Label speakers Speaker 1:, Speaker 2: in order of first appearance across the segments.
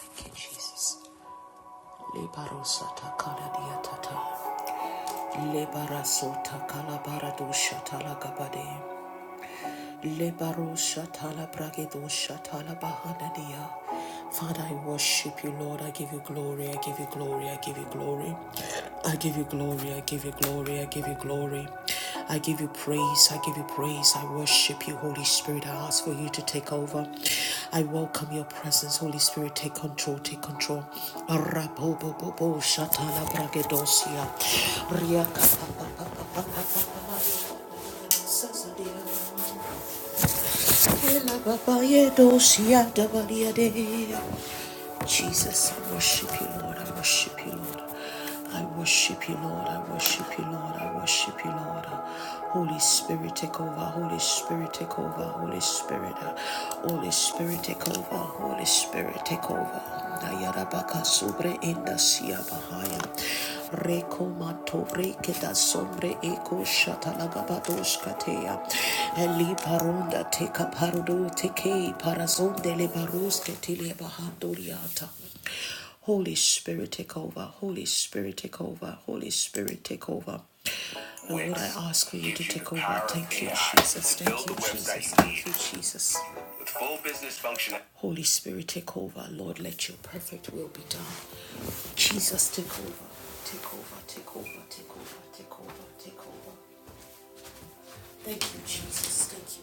Speaker 1: Thank you, Jesus. Lebarosata kaladiatata. Lebarasota kalabaradusha talagabade. Lebarosha talabragedosha talabahanania. Father, I worship you, Lord. I give you glory. I give you glory. I give you glory. I give you glory. I give you glory. I give you glory. I give you praise. I give you praise. I worship you, Holy Spirit. I ask for you to take over. I welcome your presence, Holy Spirit. Take control. Take control. Rabobobobo shatalabragedosia. Riakapapapapapapa. Jesus, I worship you, Lord. I worship you, Lord. I worship you, Lord. I worship you, Lord. I worship you, Lord. Holy Spirit, take over. Holy Spirit, take over. Holy Spirit, uh, Holy Spirit, take over. Holy Spirit, take over. Dayarabaka sobre inda siya bahaya. Rekomato reketa sombre eko shatalagabadoshkatea. Eli parunda teka parudo teke parazonde le baruske tile bahadoriata. Holy Spirit, take over. Holy Spirit, take over. Holy Spirit, take over. Lord, I ask for you to take over. Thank you, Jesus. Thank you, Jesus. Thank you, Jesus. With full business function. Holy Spirit, take over. Lord, let your perfect will be done. Jesus, take over. Take over, take over, take over, take over, take over. Thank you, Jesus.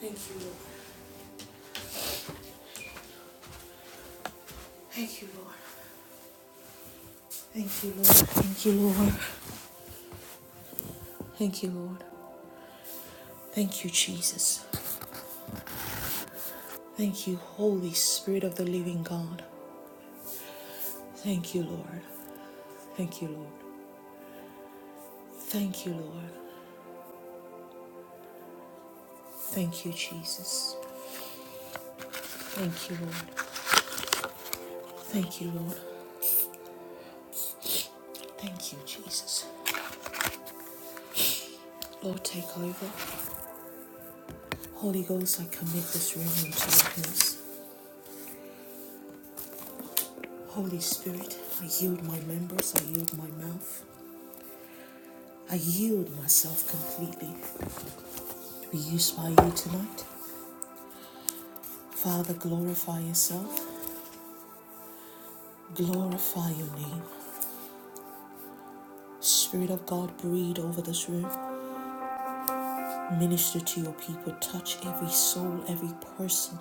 Speaker 1: Thank you, Lord. Thank you, Lord. Thank you, Lord. Thank you, Lord. Thank you, Lord. Thank you, Lord. Thank you, Jesus. Thank you, Holy Spirit of the living God. Thank you, Lord. Thank you, Lord. Thank you, Lord. Thank you, Jesus. Thank you, Lord. Thank you, Lord. Thank you, Jesus. Lord, take over. Holy Ghost, I commit this room into your hands. Holy Spirit, I yield my members, I yield my mouth, I yield myself completely to be used by you tonight. Father, glorify yourself, glorify your name. Spirit of God, breathe over this room. Minister to your people, touch every soul, every person,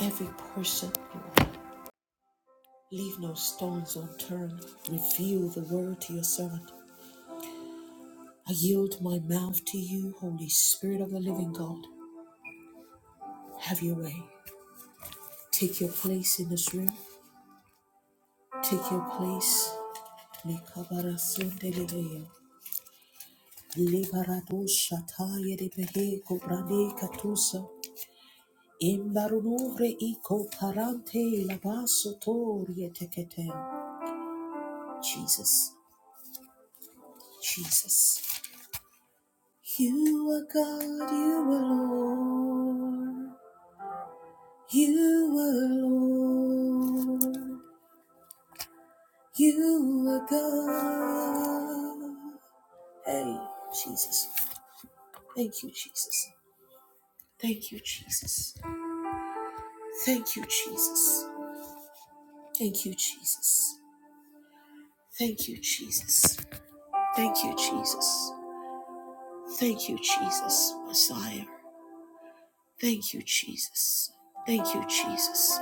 Speaker 1: every person. Leave no stones unturned. Reveal the word to your servant. I yield my mouth to you, Holy Spirit of the living God. Have your way. Take your place in this room. Take your place. Likabarasundelebeya. Libaradoshatayelebehe kobranekatusa. Imbarunure iko parante labasotorie tekete. Jesus, Jesus. You are God, you are Lord. You are Lord. You were God. Hey, Jesus. Thank you, Jesus. Thank you, Jesus. Thank you, Jesus. Thank you, Jesus. Thank you, Jesus. Thank you, Jesus. Thank you, Jesus, Messiah. Thank you, Jesus. Thank you, Jesus.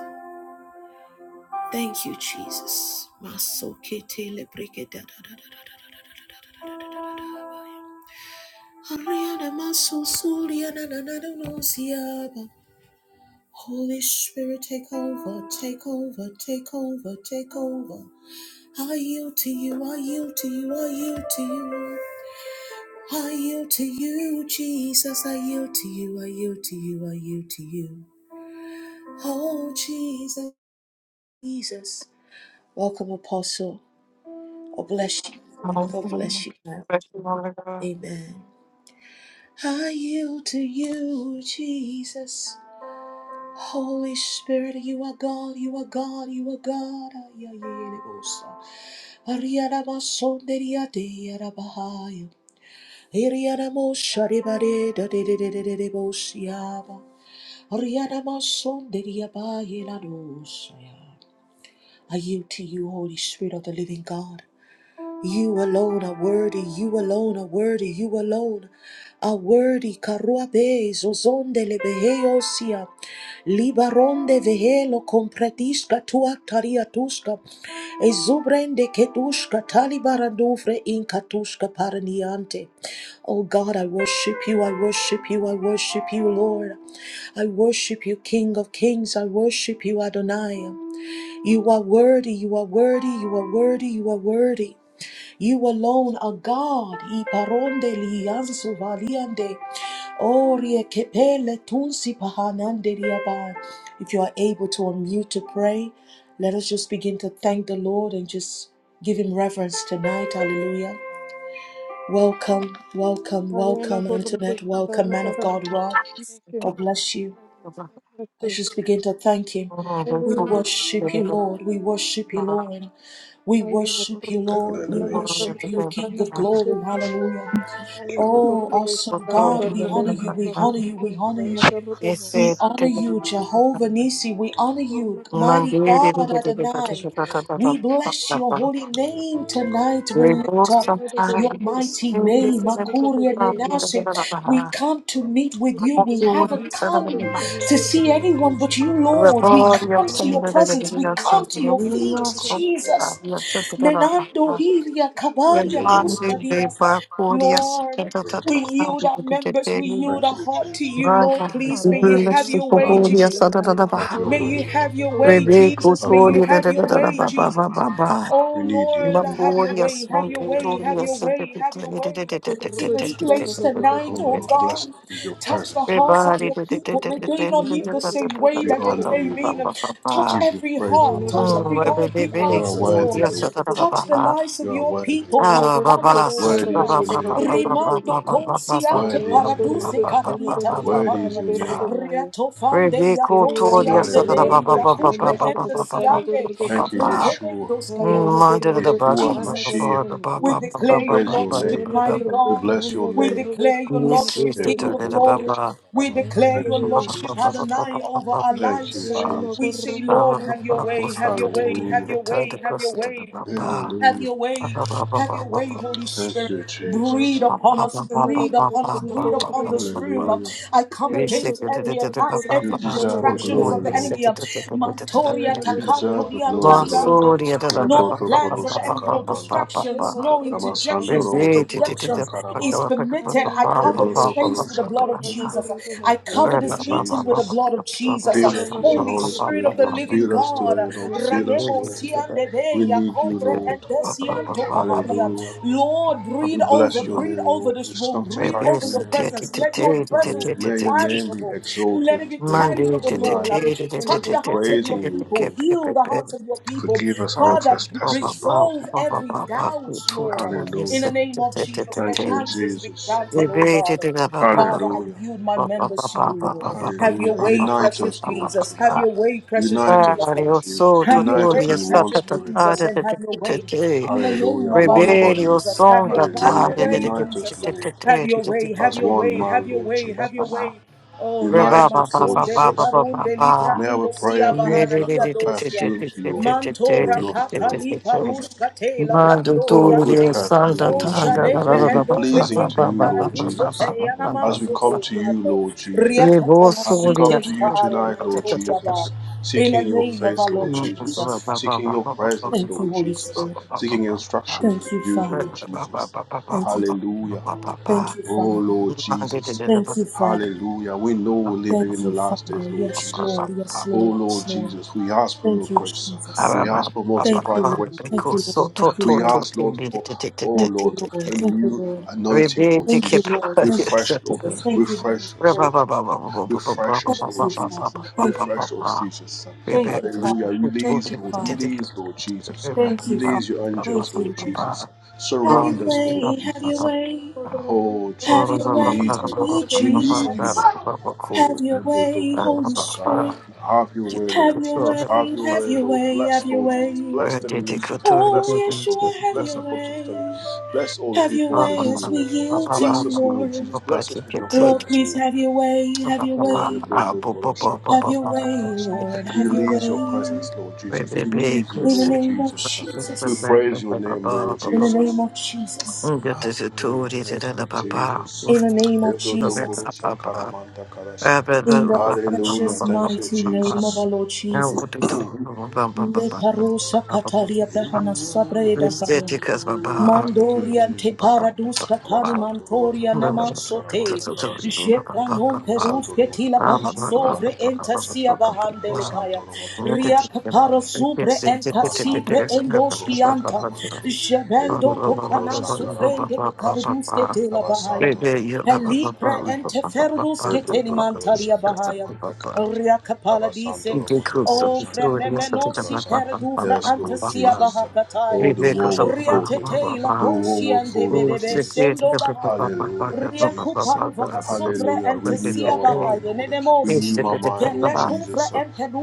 Speaker 1: Thank you, Jesus. Masokete lebrige da da da da da da da da da da da da da da da da. Ariana maso suriana na na na no siaba. Holy Spirit, take over, take over, take over, take over. I yield to you, I yield to you, I yield to you. I yield to you, Jesus, I yield to you, I yield to you, I yield to you. Oh, Jesus, Jesus. Welcome, Apostle. God bless you. God
Speaker 2: Record
Speaker 1: bless you. now.
Speaker 2: I
Speaker 1: Amen. I yield to you, Jesus. Holy Spirit, You are God. You are God. You are God. Ayayelebosa. Ariyanabasonderiyadeyarabahaya. Iriyanamosharibadedadedededebosiyaba. Ariyanabasonderiyabayelanosaya. I yield to You, Holy Spirit of the Living God. You alone are worthy, you alone are worthy, you alone are worthy. Karuabe, zozonde lebeheosia, libaronde vehelo compretiska tua tariatuska, ezubrende ketuska talibarandufre in katuska paraniante. Oh God, I worship you, I worship you, I worship you, Lord. I worship you, King of kings, I worship you, Adonai. You are worthy, you are worthy, you are worthy, you are worthy. You alone are God. I paronde lianzu valiande. Orie kepele tunsi pahanande liabai. If you are able to unmute to pray, let us just begin to thank the Lord and just give him reverence tonight. Hallelujah. Welcome, welcome,
Speaker 3: Ayala
Speaker 1: welcome,
Speaker 3: Gurbu
Speaker 1: Antoinette. Welcome, man of
Speaker 3: Sanagara.
Speaker 1: God, Rod.
Speaker 3: Thank you.
Speaker 1: God bless you.
Speaker 3: Hallelujah. Thank
Speaker 1: Let's
Speaker 3: you.
Speaker 1: just begin to thank Him. We
Speaker 2: song,
Speaker 3: Hallelujah.
Speaker 2: the video, something, the
Speaker 1: worship
Speaker 2: video,
Speaker 1: you,
Speaker 2: something,
Speaker 1: Lord. We worship you, Lord. We
Speaker 3: Ayala
Speaker 1: worship you,
Speaker 3: Gurbu
Speaker 1: Lord. We
Speaker 4: Hallelujah.
Speaker 2: the
Speaker 1: worship
Speaker 2: very
Speaker 3: Sanagara.
Speaker 1: you, King of
Speaker 3: Sanagara.
Speaker 2: bad.
Speaker 1: glory. Hallelujah.
Speaker 4: Thank you,
Speaker 3: Ayala
Speaker 4: Lord.
Speaker 1: Oh,
Speaker 3: Gurbu
Speaker 2: But
Speaker 3: Sanagara. Sanagara. Sanagara.
Speaker 1: awesome
Speaker 2: so,
Speaker 3: Ayala
Speaker 2: you
Speaker 1: God, we
Speaker 3: Gurbu
Speaker 2: don't
Speaker 1: honor
Speaker 2: even
Speaker 1: you.
Speaker 2: look
Speaker 1: We
Speaker 2: bad.
Speaker 1: honor you. We honor you.
Speaker 2: They
Speaker 3: Sanagara.
Speaker 1: We
Speaker 2: said, "Take
Speaker 1: honor
Speaker 2: it, take it,
Speaker 1: you,
Speaker 2: take
Speaker 1: Jehovah
Speaker 2: it."
Speaker 1: Nisi. We honor you, mighty
Speaker 2: Mandir, take
Speaker 1: God
Speaker 2: it, take it, take it, take it, take
Speaker 4: Bless
Speaker 1: Adonai.
Speaker 4: your
Speaker 2: it,
Speaker 4: name.
Speaker 1: We
Speaker 2: take it,
Speaker 1: bless your
Speaker 2: take it.
Speaker 1: holy name tonight. We
Speaker 2: We
Speaker 1: lift
Speaker 2: both
Speaker 1: up
Speaker 3: Ayala Gurbu
Speaker 1: your
Speaker 2: sometimes
Speaker 1: mighty
Speaker 2: think this
Speaker 1: name,
Speaker 2: is
Speaker 3: Sanagara.
Speaker 2: a
Speaker 1: Makuria
Speaker 2: bad thing, da,
Speaker 4: Thank
Speaker 2: da,
Speaker 1: Nenase.
Speaker 2: da, da,
Speaker 1: We
Speaker 2: da.
Speaker 1: come to meet with
Speaker 2: I'm
Speaker 1: you.
Speaker 2: not
Speaker 1: We
Speaker 2: feeling
Speaker 1: haven't
Speaker 2: this, I don't
Speaker 1: come
Speaker 2: really like
Speaker 1: to
Speaker 2: this.
Speaker 1: see anyone but you,
Speaker 2: The
Speaker 1: Lord. We
Speaker 2: body of
Speaker 1: come
Speaker 2: some,
Speaker 1: to your
Speaker 2: da, da, da, da,
Speaker 1: presence. We
Speaker 2: da, da,
Speaker 1: come to
Speaker 2: da.
Speaker 1: your
Speaker 2: We
Speaker 1: feet,
Speaker 2: are so
Speaker 3: Sanagara.
Speaker 2: sad.
Speaker 1: Jesus.
Speaker 2: We are so together.
Speaker 1: Menando hiria
Speaker 4: you,
Speaker 1: kabaria
Speaker 4: Lord.
Speaker 2: Remande de
Speaker 1: dustadia.
Speaker 2: Bacurias,
Speaker 1: Lord. We yield our members, we
Speaker 4: Thank
Speaker 1: yield our
Speaker 4: you,
Speaker 1: heart to
Speaker 4: Jesus.
Speaker 1: you,
Speaker 2: Raka,
Speaker 1: Lord. Please, may you have
Speaker 2: Bibulus,
Speaker 3: Hallelujah,
Speaker 1: your way,
Speaker 4: Hallelujah.
Speaker 2: Poporia,
Speaker 1: Jesus.
Speaker 3: hallelujah, Hayana
Speaker 4: Have
Speaker 2: Sadadabaha,
Speaker 4: your
Speaker 1: May
Speaker 4: way,
Speaker 1: you
Speaker 3: Gurgush,
Speaker 4: Lord.
Speaker 1: have
Speaker 3: the
Speaker 1: your way,
Speaker 2: Rebe,
Speaker 3: Gurgunaya,
Speaker 1: Jesus. May
Speaker 4: Have your
Speaker 1: you
Speaker 2: Cotoria,
Speaker 4: way.
Speaker 1: have your way, Jesus.
Speaker 2: Baba,
Speaker 1: Oh,
Speaker 4: We need you,
Speaker 1: Lord,
Speaker 4: Lord.
Speaker 1: have your way,
Speaker 2: Bacurias,
Speaker 1: have your
Speaker 4: Hallelujah. Thank
Speaker 1: way,
Speaker 4: you,
Speaker 1: have
Speaker 2: Montoria,
Speaker 1: your
Speaker 4: Lord.
Speaker 1: way, have your way
Speaker 3: Hayana
Speaker 1: in
Speaker 3: Gurgush,
Speaker 1: this
Speaker 3: and the
Speaker 1: place tonight,
Speaker 4: Oh,
Speaker 1: oh
Speaker 3: Gurgutanagurgunaya,
Speaker 4: Lord,
Speaker 1: God.
Speaker 4: bless us with your
Speaker 1: Touch the
Speaker 4: presence, Lord.
Speaker 1: hearts of
Speaker 2: Rebari,
Speaker 1: your
Speaker 3: Hayana
Speaker 2: Rebari,
Speaker 1: people. May
Speaker 3: Gurgush,
Speaker 1: they not
Speaker 3: and the
Speaker 1: leave the same way
Speaker 4: We
Speaker 1: that they
Speaker 4: honor you,
Speaker 1: came
Speaker 3: Gurgutanagurgunaya,
Speaker 4: Lord.
Speaker 1: in.
Speaker 4: We
Speaker 1: Touch
Speaker 4: give you
Speaker 1: every
Speaker 4: praise,
Speaker 1: heart.
Speaker 3: Hayana
Speaker 4: Lord.
Speaker 1: Touch every
Speaker 3: Gurgush,
Speaker 1: heart. Give
Speaker 3: and the
Speaker 2: Rebari,
Speaker 4: You are
Speaker 1: answers,
Speaker 4: worthy,
Speaker 1: Lord.
Speaker 4: Lord.
Speaker 1: Touch the
Speaker 2: Rebari,
Speaker 3: Gurgutanagurgunaya,
Speaker 1: lives
Speaker 4: You
Speaker 1: of
Speaker 4: are
Speaker 1: your
Speaker 4: worthy.
Speaker 1: people.
Speaker 3: Hayana
Speaker 1: Matare
Speaker 3: Gurgush,
Speaker 2: Rebecca
Speaker 3: and the Gurgutanagurgunaya, Hayana Gurgush, and the
Speaker 4: Worthy is
Speaker 1: dosia.
Speaker 4: your name, Lord.
Speaker 1: Rimando
Speaker 3: Gurgutanagurgunaya,
Speaker 1: consiate
Speaker 4: Worthy is
Speaker 3: Hayana
Speaker 4: your name.
Speaker 1: paraduse
Speaker 3: Gurgush,
Speaker 1: carenita
Speaker 3: and
Speaker 4: Worthy is
Speaker 1: liabaya.
Speaker 4: your name.
Speaker 1: Riato fande yato
Speaker 2: Toria
Speaker 1: siande
Speaker 2: Sada
Speaker 4: Hallelujah.
Speaker 1: de
Speaker 2: Baba Baba
Speaker 4: Thank you,
Speaker 2: Baba
Speaker 1: yakupre
Speaker 4: Jesus.
Speaker 2: Baba
Speaker 1: ende
Speaker 3: the
Speaker 2: Baba
Speaker 1: siande.
Speaker 2: Baba
Speaker 4: Thank you,
Speaker 3: Gurgutanagurgunaya,
Speaker 2: Baba.
Speaker 4: Yeshua.
Speaker 1: Rekenendo
Speaker 3: Yeah,
Speaker 1: scayanta.
Speaker 2: Manda the Baka
Speaker 4: Yeshua
Speaker 2: Baba
Speaker 1: Jesus.
Speaker 4: Mashiach.
Speaker 2: Baba
Speaker 1: We
Speaker 4: We
Speaker 2: Baba
Speaker 1: declare your
Speaker 2: Baba
Speaker 4: praise your
Speaker 1: Lordship,
Speaker 4: name.
Speaker 2: Baba
Speaker 1: mighty
Speaker 2: Baba.
Speaker 4: We
Speaker 1: God.
Speaker 4: bless your
Speaker 1: We
Speaker 4: name.
Speaker 1: declare your
Speaker 2: Yes,
Speaker 1: Lordship,
Speaker 2: yes, to
Speaker 1: King
Speaker 2: turn
Speaker 1: of
Speaker 2: it about.
Speaker 1: glory.
Speaker 2: Baba
Speaker 1: We declare your
Speaker 4: Thank you,
Speaker 1: Lordship,
Speaker 2: Baba Baba
Speaker 4: Jesus.
Speaker 1: Adonai,
Speaker 2: Baba
Speaker 1: over our
Speaker 4: Thank you,
Speaker 1: lives.
Speaker 2: Baba.
Speaker 1: We say,
Speaker 4: Jesus.
Speaker 1: Lord,
Speaker 2: Our
Speaker 1: have your
Speaker 2: Baba
Speaker 1: way,
Speaker 2: was to
Speaker 1: have your
Speaker 2: turn
Speaker 1: way, have
Speaker 4: Hallelujah.
Speaker 2: the
Speaker 1: your
Speaker 2: third
Speaker 1: way, have
Speaker 2: across
Speaker 1: your
Speaker 2: to the
Speaker 1: way.
Speaker 2: Baba.
Speaker 1: Have
Speaker 4: Hallelujah.
Speaker 1: your way.
Speaker 2: Baba Baba
Speaker 1: Have
Speaker 2: Baba
Speaker 1: your way,
Speaker 2: Baba
Speaker 1: Holy
Speaker 4: Thank
Speaker 1: Spirit.
Speaker 4: you,
Speaker 1: Breathe
Speaker 4: Jesus.
Speaker 1: upon us,
Speaker 2: Baba
Speaker 1: breathe upon us,
Speaker 2: Baba
Speaker 1: breathe
Speaker 2: Baba
Speaker 1: upon
Speaker 2: Baba
Speaker 1: this
Speaker 2: Baba.
Speaker 1: room. Um,
Speaker 4: Hallelujah.
Speaker 1: I come
Speaker 2: Monday,
Speaker 1: against every attacks,
Speaker 4: You
Speaker 1: every
Speaker 4: deserve the
Speaker 1: distractions
Speaker 4: glory,
Speaker 1: of the
Speaker 4: Lord.
Speaker 1: enemy. Um, Mantoria
Speaker 4: You deserve the
Speaker 1: takantoria
Speaker 4: glory, Lord.
Speaker 1: taliante. No plans of the enemy, no
Speaker 4: Ebrotokorosakaramata.
Speaker 1: distractions, no interjections,
Speaker 4: Ramasandoro
Speaker 1: no
Speaker 4: Motokoro
Speaker 1: projections is
Speaker 4: Sankaramanta.
Speaker 1: permitted. I cover this
Speaker 4: Ebrotokoro
Speaker 1: space with the blood of
Speaker 4: Sankaramanta.
Speaker 1: Jesus. I cover
Speaker 4: Thank you,
Speaker 1: this meeting with the
Speaker 4: Jesus.
Speaker 1: blood of Jesus.
Speaker 4: Fill us with your
Speaker 1: Holy
Speaker 4: Holy
Speaker 1: Spirit
Speaker 4: Spirit,
Speaker 1: of the
Speaker 4: Lord.
Speaker 1: living
Speaker 4: Fill us
Speaker 1: God.
Speaker 4: today, Lord. Fill us,
Speaker 1: Ranemo
Speaker 4: Lord. We
Speaker 1: siandebe
Speaker 4: need you,
Speaker 1: kombre and
Speaker 4: Lord.
Speaker 1: desianto pahadia.
Speaker 4: Hallelujah.
Speaker 1: Lord, breathe
Speaker 4: We bless
Speaker 1: over,
Speaker 4: your
Speaker 1: breathe
Speaker 4: name,
Speaker 1: over
Speaker 4: Lord. We
Speaker 1: this room, breathe
Speaker 4: sanctify
Speaker 1: over
Speaker 4: your
Speaker 1: your
Speaker 4: name,
Speaker 1: presence. Let your presence
Speaker 4: Lord.
Speaker 1: be
Speaker 4: May your name be
Speaker 1: tangible. Let
Speaker 4: exalted
Speaker 1: it be
Speaker 4: today, Lord.
Speaker 1: tangible, Lord.
Speaker 4: Tonight, Lord.
Speaker 1: Touch
Speaker 4: we're
Speaker 1: the hearts of your
Speaker 4: praising you,
Speaker 1: people,
Speaker 4: Lord.
Speaker 1: heal the hearts of your people.
Speaker 4: Forgive us our
Speaker 1: Father,
Speaker 4: trespasses, Lord.
Speaker 1: resolve
Speaker 2: Rebellion
Speaker 1: every doubt, Lord. In
Speaker 4: Hallelujah.
Speaker 1: the name of Jesus, let
Speaker 4: Thank you,
Speaker 1: answers be
Speaker 4: Jesus.
Speaker 1: granted, oh God. Father, I
Speaker 4: Hallelujah.
Speaker 1: yield my members to you, Lord. Have your
Speaker 4: Hallelujah.
Speaker 1: way,
Speaker 4: Unite
Speaker 1: precious
Speaker 4: us, Lord.
Speaker 1: Jesus.
Speaker 4: You
Speaker 1: Have your way, precious
Speaker 4: Unite us,
Speaker 1: Jesus.
Speaker 4: Lord Jesus.
Speaker 1: Have your
Speaker 4: United
Speaker 1: way,
Speaker 4: in one
Speaker 1: precious
Speaker 4: spirit,
Speaker 1: Jesus,
Speaker 4: Lord.
Speaker 1: and have your way. In the name
Speaker 4: Hallelujah.
Speaker 1: of our
Speaker 4: One
Speaker 1: Lord
Speaker 4: body.
Speaker 1: Jesus, have
Speaker 2: song
Speaker 1: your
Speaker 2: da
Speaker 1: have
Speaker 2: ta
Speaker 1: your
Speaker 4: Hallelujah.
Speaker 1: way,
Speaker 4: Unite us,
Speaker 1: Jesus.
Speaker 4: Lord,
Speaker 1: Have your way, have
Speaker 4: as
Speaker 1: your
Speaker 4: one
Speaker 1: way,
Speaker 4: man,
Speaker 1: have your
Speaker 4: Lord
Speaker 1: way, have your
Speaker 4: Jesus.
Speaker 1: way. Oh, Riana
Speaker 2: Reba
Speaker 4: Unite
Speaker 2: ba
Speaker 4: us,
Speaker 2: ba
Speaker 4: Lord
Speaker 1: Mason
Speaker 2: ba
Speaker 1: de
Speaker 2: ba ba
Speaker 4: Jesus.
Speaker 2: ba
Speaker 1: Lebarun
Speaker 2: ba
Speaker 1: de Livra
Speaker 2: ba.
Speaker 4: May
Speaker 1: in
Speaker 4: our
Speaker 1: the Sia
Speaker 4: prayer be
Speaker 1: Bahana
Speaker 4: like a
Speaker 1: Nia
Speaker 2: Madhuri
Speaker 1: Dosia.
Speaker 4: perfume to your, to your
Speaker 1: Mantora
Speaker 4: nostril,
Speaker 1: Patali
Speaker 4: Lord Jesus.
Speaker 1: Parushka Tela Bando
Speaker 4: Oh, good
Speaker 1: Riante.
Speaker 4: perfume,
Speaker 2: Santa
Speaker 1: Oh,
Speaker 4: Lord
Speaker 2: Tanda
Speaker 4: Jesus.
Speaker 1: Shalebre
Speaker 4: May it be
Speaker 1: and Dovre
Speaker 4: pleasing
Speaker 1: in
Speaker 4: to you, Lord
Speaker 1: Caparaguso
Speaker 4: Jesus.
Speaker 1: Teana
Speaker 4: As we
Speaker 1: Manso
Speaker 4: come to you,
Speaker 1: Toriate.
Speaker 4: Lord Jesus.
Speaker 1: Riapatona
Speaker 4: As we
Speaker 2: Revosoria
Speaker 4: come
Speaker 1: Site
Speaker 4: to
Speaker 1: Lipa
Speaker 4: you tonight, Lord
Speaker 2: Santa
Speaker 1: Arenantoria Ba.
Speaker 4: Jesus.
Speaker 1: In the
Speaker 4: Seeking your
Speaker 1: name of
Speaker 4: face,
Speaker 1: our Lord
Speaker 4: Lord Jesus.
Speaker 1: Jesus.
Speaker 4: Seeking your presence,
Speaker 1: Thank you,
Speaker 4: Lord
Speaker 1: Holy
Speaker 4: Jesus.
Speaker 1: Spirit.
Speaker 4: Seeking instructions
Speaker 1: Thank
Speaker 4: from
Speaker 1: you,
Speaker 4: you,
Speaker 1: Father.
Speaker 4: Lord Jesus.
Speaker 1: Thank you, Father.
Speaker 4: Hallelujah.
Speaker 1: Thank you,
Speaker 4: Oh
Speaker 1: Father.
Speaker 4: Lord Jesus, uh,
Speaker 1: Thank you, Father.
Speaker 4: hallelujah. We know we're living in
Speaker 1: Thank
Speaker 4: the
Speaker 1: you,
Speaker 4: last days,
Speaker 1: Father.
Speaker 4: Lord
Speaker 1: Yes,
Speaker 4: Jesus. uh.
Speaker 1: Lord. Yes,
Speaker 4: Oh
Speaker 1: Lord.
Speaker 4: Lord
Speaker 1: Yes, Lord.
Speaker 4: Jesus, we ask for your
Speaker 1: Thank you,
Speaker 4: grace. uh.
Speaker 1: Jesus.
Speaker 4: We ask for
Speaker 1: Thank you,
Speaker 4: multiplied
Speaker 1: Lord.
Speaker 4: grace, Lord
Speaker 1: Thank you,
Speaker 4: Jesus.
Speaker 1: Lord.
Speaker 4: uh.
Speaker 1: Thank you,
Speaker 4: We
Speaker 1: Lord.
Speaker 4: ask, Lord, for oh
Speaker 1: Thank you,
Speaker 4: Lord, a
Speaker 1: Lord. Thank you,
Speaker 4: new
Speaker 1: Lord.
Speaker 2: We
Speaker 4: anointing,
Speaker 2: beat
Speaker 4: Lord
Speaker 2: the
Speaker 1: Thank you,
Speaker 2: keeper.
Speaker 4: Jesus. uh.
Speaker 1: Lord.
Speaker 2: We
Speaker 1: Thank
Speaker 2: beat
Speaker 1: you,
Speaker 2: the
Speaker 4: Refresh, Lord.
Speaker 2: keeper.
Speaker 1: Jesus. Thank you, Holy
Speaker 4: Refresh
Speaker 2: We
Speaker 4: us,
Speaker 2: beat the keeper. We beat
Speaker 1: Spirit.
Speaker 4: Lord Jesus. uh.
Speaker 2: the keeper.
Speaker 4: Refresh us,
Speaker 1: Thank
Speaker 4: Lord
Speaker 1: you,
Speaker 4: Jesus. uh.
Speaker 1: Father. Thank you,
Speaker 4: Refresh us,
Speaker 1: Father.
Speaker 4: Jesus.
Speaker 2: We
Speaker 4: uh.
Speaker 1: Thank
Speaker 2: beat
Speaker 1: you,
Speaker 4: Hallelujah.
Speaker 1: Father. Thank
Speaker 4: Release,
Speaker 1: you,
Speaker 4: Lord.
Speaker 2: the
Speaker 1: Father.
Speaker 4: Release, Lord Jesus. uh.
Speaker 1: Thank you, Father.
Speaker 4: Release your angels,
Speaker 1: Thank
Speaker 4: Lord
Speaker 1: you, Lord.
Speaker 4: Jesus. uh.
Speaker 1: Have
Speaker 4: Surround
Speaker 1: your
Speaker 4: us, Lord
Speaker 1: way, have your
Speaker 4: Jesus.
Speaker 1: way,
Speaker 4: Oh,
Speaker 1: have your
Speaker 4: Jesus, we
Speaker 1: way,
Speaker 4: need you, Lord.
Speaker 1: sweet
Speaker 4: We need you,
Speaker 1: Jesus.
Speaker 4: Lord.
Speaker 1: Have your
Speaker 4: Have
Speaker 1: way, Holy Spirit.
Speaker 4: your way,
Speaker 1: Have
Speaker 4: Lord
Speaker 1: your
Speaker 4: Jesus. Have
Speaker 1: way,
Speaker 4: your
Speaker 1: have
Speaker 4: way,
Speaker 1: your
Speaker 4: Lord.
Speaker 1: way, have
Speaker 4: Bless,
Speaker 1: your
Speaker 4: Lord Jesus.
Speaker 1: way.
Speaker 4: Bless the ministers, Lord.
Speaker 1: Oh,
Speaker 4: Bless Apostle Dennis.
Speaker 1: Yeshua, have
Speaker 4: Bless
Speaker 1: your
Speaker 4: Apostle Stanley.
Speaker 1: way.
Speaker 4: Bless all the
Speaker 1: Have your
Speaker 4: people in the
Speaker 1: way
Speaker 4: room,
Speaker 1: as we
Speaker 4: Lord Jesus.
Speaker 1: yield to
Speaker 4: Bless
Speaker 1: you,
Speaker 4: us, Lord
Speaker 1: Lord.
Speaker 2: keeper. We
Speaker 4: Jesus.
Speaker 2: beat
Speaker 4: Bless us with your
Speaker 2: the
Speaker 1: Lord,
Speaker 4: presence,
Speaker 1: please
Speaker 2: keeper.
Speaker 4: Lord.
Speaker 1: have your way, have
Speaker 2: Baba,
Speaker 1: your
Speaker 4: Oh,
Speaker 1: way, have your way, Lord, have your
Speaker 4: Release your
Speaker 1: way.
Speaker 4: presence, Lord Jesus. We need you,
Speaker 1: In the
Speaker 4: Lord
Speaker 1: name of
Speaker 4: Jesus. We
Speaker 1: Jesus.
Speaker 4: praise your name, Lord
Speaker 1: In the name
Speaker 4: Jesus.
Speaker 1: of Jesus.
Speaker 4: Hallelujah. Thank you, Jesus.
Speaker 1: In the name of Jesus.
Speaker 4: Ebrotokoroshakaramatakarashi.
Speaker 1: In the
Speaker 4: Hallelujah.
Speaker 1: precious
Speaker 4: Thank you,
Speaker 1: mighty name of
Speaker 4: Jesus.
Speaker 1: our Lord Jesus. Leparosa katalia dahana sabreda kaya.
Speaker 4: Thank you,
Speaker 1: Mandoria te
Speaker 4: Jesus.
Speaker 1: paradus katani mantoria namasote.
Speaker 4: Abasantoromotokoroshakaramatakarashi.
Speaker 1: Jepranon perus ketila bahasovre
Speaker 4: Abasantoromotokoroshakaramatakarashi.
Speaker 1: entasia bahandele kaya.
Speaker 2: Thank you.
Speaker 1: Ria kaparo
Speaker 4: Abasantoromotokoroshakaramatakarashi.
Speaker 1: supre
Speaker 4: Abasanto
Speaker 1: entasibre
Speaker 4: moto korosha
Speaker 1: endoskianta.
Speaker 4: karamanta. Ebro
Speaker 1: Jebendo
Speaker 4: to
Speaker 1: kopanan
Speaker 4: korosha karamanta
Speaker 1: sofrende
Speaker 4: karasa.
Speaker 1: bekarudus ketila
Speaker 4: Abasanto
Speaker 1: bahaya.
Speaker 4: moto korosha
Speaker 1: Libra
Speaker 4: karamanta.
Speaker 1: enteferbus
Speaker 4: Ebro
Speaker 1: keteni
Speaker 4: to korosha
Speaker 1: mantalia bahaya.
Speaker 4: karamanta karasa.
Speaker 1: Riakapala
Speaker 4: Abasanto
Speaker 1: dice.
Speaker 4: moto
Speaker 1: O
Speaker 4: korosha karamanta
Speaker 1: frememenosi
Speaker 4: karasa.
Speaker 1: perdufra
Speaker 4: Yes, Lord
Speaker 1: antasia
Speaker 4: Jesus.
Speaker 1: bahakataya.
Speaker 4: Oh, the wall will fall today.
Speaker 1: Riatete la
Speaker 4: The wall will
Speaker 1: posian de
Speaker 4: fall, Lord
Speaker 1: bedebe
Speaker 4: Jesus.
Speaker 1: sendo bahaya.
Speaker 4: Hallelujah, Jesus.
Speaker 1: Riakuparuvaha sumbre
Speaker 4: Hallelujah. Renew
Speaker 1: antasia
Speaker 4: our mind,
Speaker 1: bahaya.
Speaker 4: Lord.
Speaker 1: Nenemosi.
Speaker 4: Renew my mind, Lord
Speaker 1: Tele kuvra
Speaker 4: Jesus.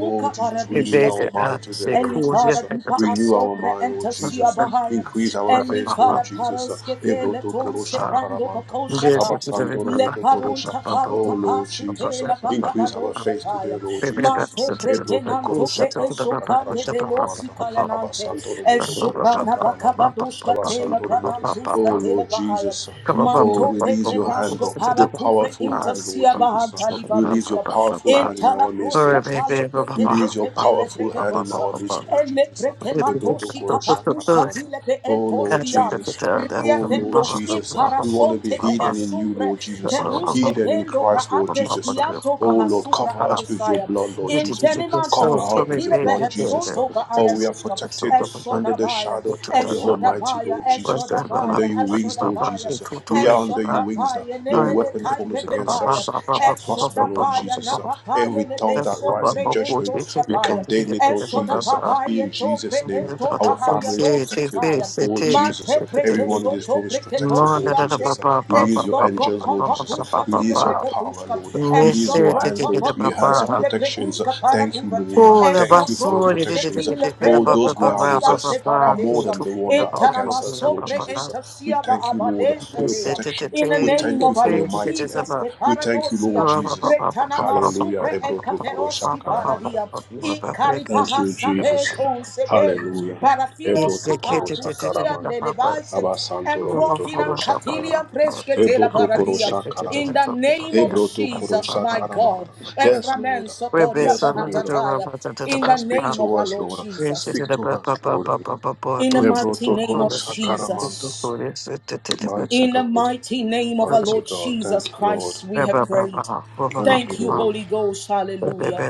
Speaker 4: Oh, Jesus,
Speaker 2: It
Speaker 4: renew
Speaker 1: paradishka
Speaker 2: is
Speaker 4: our
Speaker 1: tula.
Speaker 2: a
Speaker 4: mind today, Lord
Speaker 2: security
Speaker 1: Elifara
Speaker 4: Jesus.
Speaker 1: dipa
Speaker 4: Renew our
Speaker 1: asombra
Speaker 4: mind, Lord
Speaker 2: Yes,
Speaker 1: entasia
Speaker 4: Jesus.
Speaker 1: bahaya.
Speaker 4: Increase our faith, Lord
Speaker 1: Elifara
Speaker 4: Jesus.
Speaker 1: paraske tele
Speaker 4: Ebroto
Speaker 1: ton
Speaker 4: koro
Speaker 1: seprando
Speaker 4: shakaramanta.
Speaker 1: bakoshata.
Speaker 2: it's a very
Speaker 4: Abasandoro
Speaker 2: bad
Speaker 1: Le
Speaker 4: moto korosha.
Speaker 1: parunta
Speaker 4: Oh
Speaker 1: faruta
Speaker 4: Lord
Speaker 1: pasu
Speaker 4: Jesus,
Speaker 1: tela
Speaker 4: increase our faith today,
Speaker 1: bakabadoshata.
Speaker 4: Lord Jesus.
Speaker 1: Mante
Speaker 4: Ebroto
Speaker 1: pretenanto
Speaker 4: korosha
Speaker 1: pre esho
Speaker 4: karamanta
Speaker 1: kande
Speaker 4: karasha
Speaker 1: velosi
Speaker 4: karamanta.
Speaker 1: kayanante.
Speaker 4: Abasandoro moto
Speaker 1: Esho
Speaker 4: korosha
Speaker 1: prana
Speaker 4: karamanta.
Speaker 1: bakabadoshka tela
Speaker 4: Abasandoro moto. Oh
Speaker 1: branantuska tela
Speaker 4: Lord
Speaker 1: bahaya.
Speaker 4: Jesus. Oh,
Speaker 1: Manto
Speaker 4: release your hand,
Speaker 1: pretenashko
Speaker 4: Lord, your
Speaker 1: para
Speaker 4: powerful hand, Lord
Speaker 1: Intersia
Speaker 4: Jesus.
Speaker 1: bahanta
Speaker 4: Release your
Speaker 1: livaruska.
Speaker 4: powerful hand in
Speaker 1: entala
Speaker 4: our midst,
Speaker 1: proska
Speaker 4: Lord Jesus.
Speaker 1: tale prekete
Speaker 4: Release your
Speaker 1: tele
Speaker 4: powerful hand in
Speaker 1: preketosa.
Speaker 4: our midst, Lord
Speaker 1: Elle
Speaker 4: Jesus. Ebroto
Speaker 1: prekematosi
Speaker 4: korosha
Speaker 2: baby,
Speaker 1: kapatusa
Speaker 4: karamanta.
Speaker 1: tile pe
Speaker 4: Oh Lord
Speaker 2: Thank
Speaker 1: entoskia.
Speaker 4: Jesus, oh Lord
Speaker 1: Riefendos
Speaker 4: Jesus, we want to be
Speaker 1: imparasonte pehe
Speaker 4: hidden in you,
Speaker 1: sumbre.
Speaker 4: Lord Jesus.
Speaker 1: Keruske
Speaker 4: Hidden in
Speaker 1: pendo pra
Speaker 4: Christ, Lord Jesus.
Speaker 1: andeskianto
Speaker 4: Oh,
Speaker 1: paha
Speaker 4: Lord,
Speaker 1: supra
Speaker 4: cover us with your
Speaker 1: andesaya.
Speaker 4: blood, Lord Jesus. Cover
Speaker 1: Infenimantus ke
Speaker 4: us with your
Speaker 1: tile
Speaker 4: blood,
Speaker 1: pehe
Speaker 4: Jesus.
Speaker 1: sonto pa
Speaker 4: Oh, we are
Speaker 1: ayaduska.
Speaker 4: protected under the
Speaker 1: Eshodabaya,
Speaker 4: shadow of the Almighty,
Speaker 1: Eshodabaya,
Speaker 4: Lord Jesus. Under
Speaker 1: Eshodabaya,
Speaker 4: your wings, Lord
Speaker 1: Eshodabaya.
Speaker 4: Jesus. We are under your wings.
Speaker 1: Eshodabaya
Speaker 4: No weapon
Speaker 1: nebenekai
Speaker 4: formed against
Speaker 1: pepebaya.
Speaker 4: us shall prosper, Lord
Speaker 1: Eshodabaya
Speaker 4: Jesus.
Speaker 1: napapaya
Speaker 4: Every
Speaker 1: nebe
Speaker 4: tongue that rises
Speaker 1: sombre
Speaker 4: in judgment, we
Speaker 1: entoskapaya.
Speaker 4: condemn it, Lord Jesus.
Speaker 1: Eshodababaya
Speaker 4: In
Speaker 1: topre
Speaker 4: Jesus' name, our
Speaker 1: entopaharia
Speaker 4: family is protected.
Speaker 1: vosikaya.
Speaker 4: Lord Jesus, uh,
Speaker 1: Mante preke
Speaker 2: you.
Speaker 4: everyone in this
Speaker 1: soto
Speaker 4: room is
Speaker 1: preke
Speaker 4: protected, Lord
Speaker 1: tosiante
Speaker 4: Jesus. uh,
Speaker 1: and
Speaker 4: Release your angels, Lord Jesus. uh,
Speaker 1: soprokompatusha tile
Speaker 4: Release your power, Lord. uh,
Speaker 1: and
Speaker 4: Release your hands, Lord. Your hands
Speaker 1: soprotopatusha
Speaker 4: of
Speaker 1: tile
Speaker 4: protections. uh, Thank you,
Speaker 1: paraduva,
Speaker 4: Lord. uh,
Speaker 1: and
Speaker 4: Thank you for your
Speaker 1: soprotusha
Speaker 4: protections. uh,
Speaker 1: tile
Speaker 4: All
Speaker 1: prendo
Speaker 4: those we are
Speaker 1: bokosi
Speaker 4: with
Speaker 1: ante
Speaker 4: us are more than the one that are against us, Lord
Speaker 1: sobre
Speaker 4: Jesus. uh,
Speaker 2: Miss
Speaker 4: We
Speaker 1: entasia
Speaker 4: thank you, Lord, for
Speaker 1: abadesha
Speaker 4: your
Speaker 1: tea.
Speaker 4: protection.
Speaker 1: In the
Speaker 4: We
Speaker 1: name
Speaker 4: thank you
Speaker 1: of our
Speaker 4: for your
Speaker 1: Lord
Speaker 4: mighty hand.
Speaker 1: Jesus, the
Speaker 4: We thank you, Lord
Speaker 1: paradosia,
Speaker 4: Jesus.
Speaker 1: Bretanama
Speaker 4: Hallelujah.
Speaker 1: Pre
Speaker 4: Rebroto korosha
Speaker 1: enkateroski
Speaker 4: karamanta.
Speaker 1: paradia,
Speaker 4: Thank
Speaker 1: incaripaha
Speaker 4: you, Jesus.
Speaker 1: sapeto sepe,
Speaker 4: Hallelujah.
Speaker 1: parafilon
Speaker 4: Ebroto
Speaker 1: capatu
Speaker 4: korosha
Speaker 1: sian de
Speaker 4: karamanta.
Speaker 1: levice,
Speaker 2: Rebecca,
Speaker 4: Abasanto
Speaker 1: and
Speaker 4: romoto
Speaker 1: profilan
Speaker 4: korosha
Speaker 1: catilian
Speaker 4: karamanta.
Speaker 1: prescetela
Speaker 4: Ebroto
Speaker 1: paradia.
Speaker 4: korosha
Speaker 1: In the
Speaker 4: karamanta.
Speaker 1: name of
Speaker 4: Ebroto
Speaker 1: Jesus,
Speaker 4: korosha
Speaker 1: my God,
Speaker 4: karamanta. Yes,
Speaker 1: Ephraim
Speaker 4: Lord.
Speaker 1: Sotoria
Speaker 4: Yes, Lord.
Speaker 1: Pahatataya, in the
Speaker 4: Speak
Speaker 1: name of
Speaker 4: to
Speaker 1: our
Speaker 4: us,
Speaker 1: Lord
Speaker 4: Lord.
Speaker 1: Jesus,
Speaker 4: Speak to us, Lord.
Speaker 1: in the mighty
Speaker 4: Ebroto
Speaker 1: name of
Speaker 4: korosha karamanta.
Speaker 1: Jesus,
Speaker 4: Mighty
Speaker 1: in the
Speaker 4: God.
Speaker 1: mighty name of our
Speaker 4: Mighty
Speaker 1: Lord
Speaker 4: God. Thank
Speaker 1: Jesus
Speaker 4: you, Lord.
Speaker 1: Christ, we have prayed.
Speaker 4: Thank you,
Speaker 1: Thank you,
Speaker 4: Lord.
Speaker 1: Holy Ghost. Hallelujah.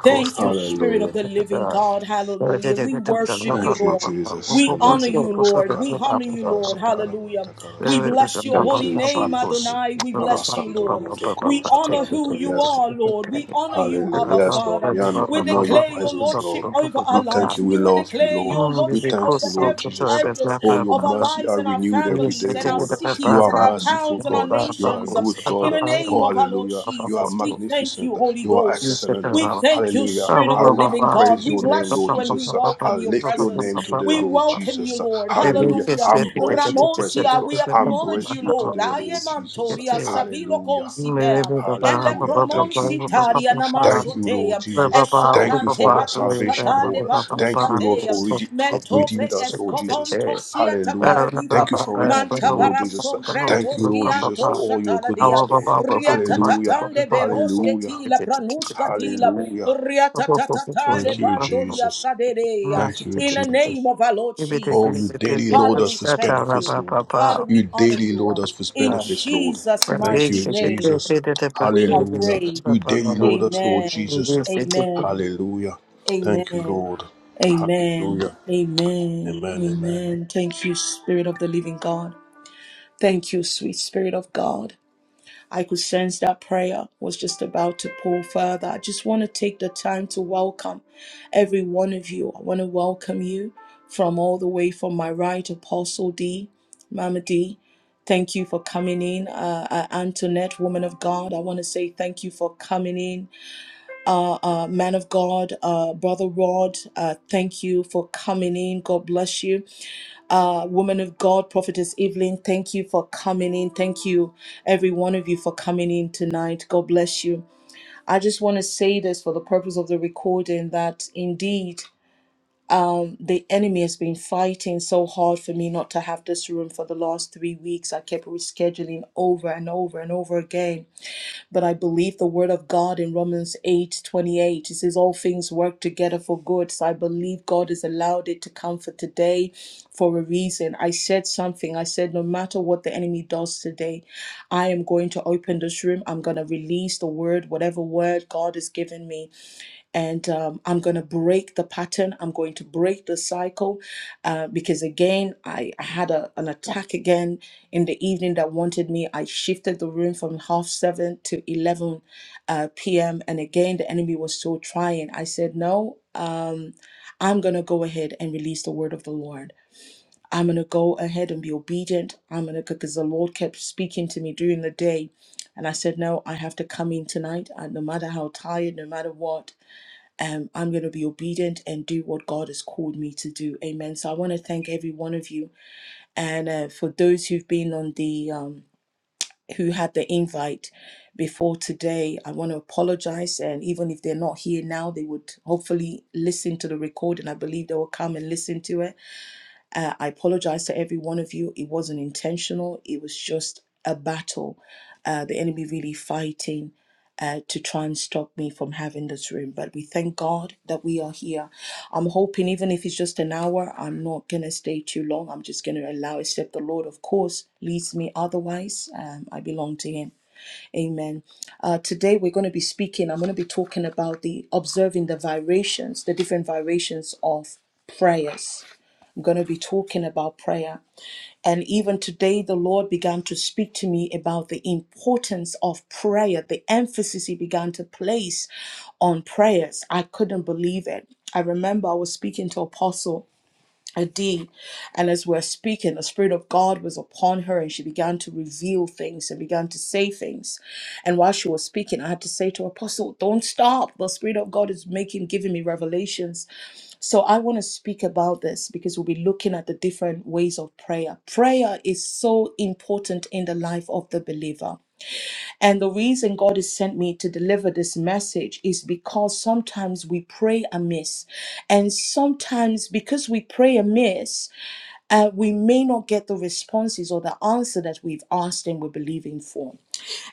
Speaker 1: Thank you, Spirit of
Speaker 4: Hallelujah.
Speaker 1: the Living God. Hallelujah. We worship
Speaker 4: Thank
Speaker 1: you,
Speaker 4: you,
Speaker 1: Lord.
Speaker 4: Jesus.
Speaker 1: We honor you,
Speaker 4: Ebrotokorosha
Speaker 1: Lord. We honor
Speaker 4: karamanta
Speaker 1: you,
Speaker 4: karasha
Speaker 1: Lord.
Speaker 4: karamanta
Speaker 1: Hallelujah.
Speaker 2: Thank
Speaker 1: We
Speaker 4: karasha.
Speaker 1: bless your
Speaker 4: Thank you,
Speaker 1: holy name,
Speaker 4: Jesus.
Speaker 1: Adonai. We
Speaker 4: Abba
Speaker 1: bless you,
Speaker 4: Santo
Speaker 1: Lord.
Speaker 4: Romoto
Speaker 1: We
Speaker 4: Korosha
Speaker 1: honor who
Speaker 4: Karamata.
Speaker 1: you
Speaker 4: Yes,
Speaker 1: are,
Speaker 4: Lord.
Speaker 1: Lord. We honor you,
Speaker 4: Hallelujah.
Speaker 1: Abba
Speaker 4: Yes, Lord.
Speaker 1: Father.
Speaker 4: We honor,
Speaker 1: We
Speaker 4: honor your
Speaker 1: declare your
Speaker 4: presence,
Speaker 1: lordship
Speaker 4: Lord.
Speaker 1: over
Speaker 4: We
Speaker 1: our
Speaker 4: thank
Speaker 1: lives.
Speaker 4: you. We
Speaker 1: You will
Speaker 4: love you,
Speaker 1: declare
Speaker 4: Lord.
Speaker 1: your
Speaker 4: We
Speaker 1: lordship
Speaker 4: thank
Speaker 1: over
Speaker 4: you, Lord
Speaker 1: every
Speaker 4: Jesus.
Speaker 1: areas
Speaker 4: Oh, your
Speaker 1: of our
Speaker 4: mercy
Speaker 1: lives
Speaker 4: are
Speaker 1: and our
Speaker 4: renewed every day,
Speaker 1: families and our
Speaker 4: Lord. You
Speaker 1: cities
Speaker 4: are
Speaker 1: and our
Speaker 4: merciful,
Speaker 1: towns and our
Speaker 4: God. You are a
Speaker 1: nations. Um,
Speaker 4: good
Speaker 1: In
Speaker 4: God.
Speaker 1: the name
Speaker 4: Oh,
Speaker 1: of our Lord
Speaker 4: hallelujah. You are
Speaker 1: Jesus, we thank
Speaker 4: magnificent.
Speaker 1: you, Holy
Speaker 4: You are
Speaker 1: Ghost.
Speaker 4: excellent.
Speaker 1: We thank you,
Speaker 4: Hallelujah.
Speaker 1: Spirit of
Speaker 4: I,
Speaker 1: the
Speaker 4: I
Speaker 1: living God.
Speaker 4: praise
Speaker 1: We
Speaker 4: your name,
Speaker 1: bless
Speaker 4: Lord
Speaker 1: you and we
Speaker 4: Jesus. I
Speaker 1: welcome your
Speaker 4: lift your
Speaker 1: presence.
Speaker 4: name today,
Speaker 1: We
Speaker 4: Lord
Speaker 1: welcome you,
Speaker 4: Jesus.
Speaker 1: Lord.
Speaker 4: Hallelujah.
Speaker 1: Hallelujah.
Speaker 4: I embrace your presence,
Speaker 1: Ramonsia,
Speaker 4: Lord.
Speaker 1: we
Speaker 4: I
Speaker 1: acknowledge
Speaker 4: embrace
Speaker 1: you,
Speaker 4: you
Speaker 1: Lord.
Speaker 4: today, Lord Jesus.
Speaker 1: Ayemantoria
Speaker 2: you.
Speaker 1: savilo
Speaker 4: Hallelujah.
Speaker 2: Rabbi,
Speaker 1: concipea. Ele
Speaker 4: Hallelujah. Thank you,
Speaker 1: promonsi
Speaker 4: Jesus.
Speaker 1: taria
Speaker 4: Thank you, Lord
Speaker 1: namasotea.
Speaker 4: Jesus. Thank you
Speaker 1: Eshoprante
Speaker 4: for our salvation, Lord. Thank you, Lord,
Speaker 1: Tushkate,
Speaker 4: for rede- have redeemed
Speaker 1: Mentopre
Speaker 4: us, Lord Jesus.
Speaker 1: Escovonto Sieta
Speaker 4: Hallelujah.
Speaker 1: Paradiva,
Speaker 4: Thank you for redemption, Lord
Speaker 1: Mantabara
Speaker 4: Jesus. Thank
Speaker 1: Somprentos
Speaker 4: you, Lord Jesus,
Speaker 1: Kianto
Speaker 4: for all your
Speaker 1: Shataladia,
Speaker 4: goodness, Lord. Hallelujah.
Speaker 1: Riatatatande
Speaker 4: Hallelujah.
Speaker 1: Berosketila Pranuskatila,
Speaker 4: Hallelujah.
Speaker 1: Riatatatale
Speaker 4: Thank you,
Speaker 1: Pandoria
Speaker 4: Jesus.
Speaker 1: Saderea,
Speaker 4: Thank you,
Speaker 1: in the name
Speaker 4: Jesus.
Speaker 1: of our Lord
Speaker 4: Oh, you
Speaker 1: Jesus.
Speaker 4: daily load
Speaker 1: Father,
Speaker 4: us
Speaker 1: we
Speaker 4: with
Speaker 1: thank
Speaker 4: benefits,
Speaker 1: you.
Speaker 4: Lord.
Speaker 1: Father,
Speaker 4: You
Speaker 1: we honor
Speaker 4: daily load
Speaker 1: you.
Speaker 4: us with
Speaker 1: In
Speaker 4: benefits, Lord.
Speaker 1: Jesus'
Speaker 4: Thank
Speaker 1: mighty
Speaker 4: you,
Speaker 2: she could take
Speaker 1: name,
Speaker 4: Jesus.
Speaker 2: it at the back
Speaker 1: we
Speaker 2: of
Speaker 1: have
Speaker 4: Hallelujah.
Speaker 1: prayed.
Speaker 4: You daily
Speaker 2: the
Speaker 4: load us, Lord
Speaker 1: Amen.
Speaker 4: Jesus.
Speaker 2: No,
Speaker 1: Amen.
Speaker 4: Hallelujah. Thank you,
Speaker 1: Amen.
Speaker 4: Lord.
Speaker 1: Amen.
Speaker 4: Hallelujah.
Speaker 1: Amen.
Speaker 4: Amen. Amen.
Speaker 1: Amen. Thank you, Spirit of the Living God. Thank you, sweet Spirit of God. I could sense that prayer was just about to pour further. I just want to take the time to welcome every one of you. I want to welcome you from all the way from my right, Apostle D, Mama D. Thank you for coming in. Uh, uh, Antoinette, woman of God, I want to say thank you for coming in uh, uh, man of God, uh, Brother Rod, uh, thank you for coming in. God bless you. Uh, woman of God, Prophetess Evelyn, thank you for coming in. Thank you, every one of you, for coming in tonight. God bless you. I just want to say this for the purpose of the recording that indeed the enemy has been fighting so hard for me not to have this room for the last three weeks. I kept rescheduling over and over and over again but I believe the word of God in Romans 8 28. It says, All things work together for good. So I believe God has allowed it to come for today for a reason. I said something. I said, No matter what the enemy does today, I am going to open this room. I'm going to release the word, whatever word God has given me and um, I'm going to break the pattern. I'm going to break the cycle uh, because again, I, I had a, an attack again in the evening that wanted me. I shifted the room from half seven to eleven uh, p.m. and again, the enemy was still trying. I said, "No, um, I'm going to go ahead and release the word of the Lord." I'm going to go ahead and be obedient. I'm going to, because the Lord kept speaking to me during the day. And I said, No, I have to come in tonight, uh, no matter how tired, no matter what um, I'm going to be obedient and do what God has called me to do. Amen. So I want to thank every one of you. And uh, for those who've been on the, um, who had the invite before today, I want to apologize. And even if they're not here now, they would hopefully listen to the recording. I believe they will come and listen to it uh, I apologize to every one of you. It wasn't intentional, it was just a battle. Uh, the enemy really fighting uh, to try and stop me from having this room. But we thank God that we are here. I'm hoping, even if it's just an hour, I'm not going to stay too long. I'm just going to allow, except the Lord, of course, leads me otherwise. Um, I belong to Him. Amen. Uh, today we're going to be speaking, I'm going to be talking about the observing the vibrations, the different vibrations of prayers I'm going to be talking about prayer. And even today, the Lord began to speak to me about the importance of prayer, the emphasis He began to place on prayers. I couldn't believe it. I remember I was speaking to Apostle Adi, and as we're speaking, the Spirit of God was upon her, and she began to reveal things and began to say things. And while she was speaking, I had to say to her, Apostle, Don't stop. The Spirit of God is making, giving me revelations so I want to speak about this because we'll be looking at the different ways of prayer. Prayer is so important in the life of the believer. And the reason God has sent me to deliver this message is because sometimes we pray amiss. And sometimes because we pray amiss, uh, we may not get the responses or the answer that we've asked and we're believing for.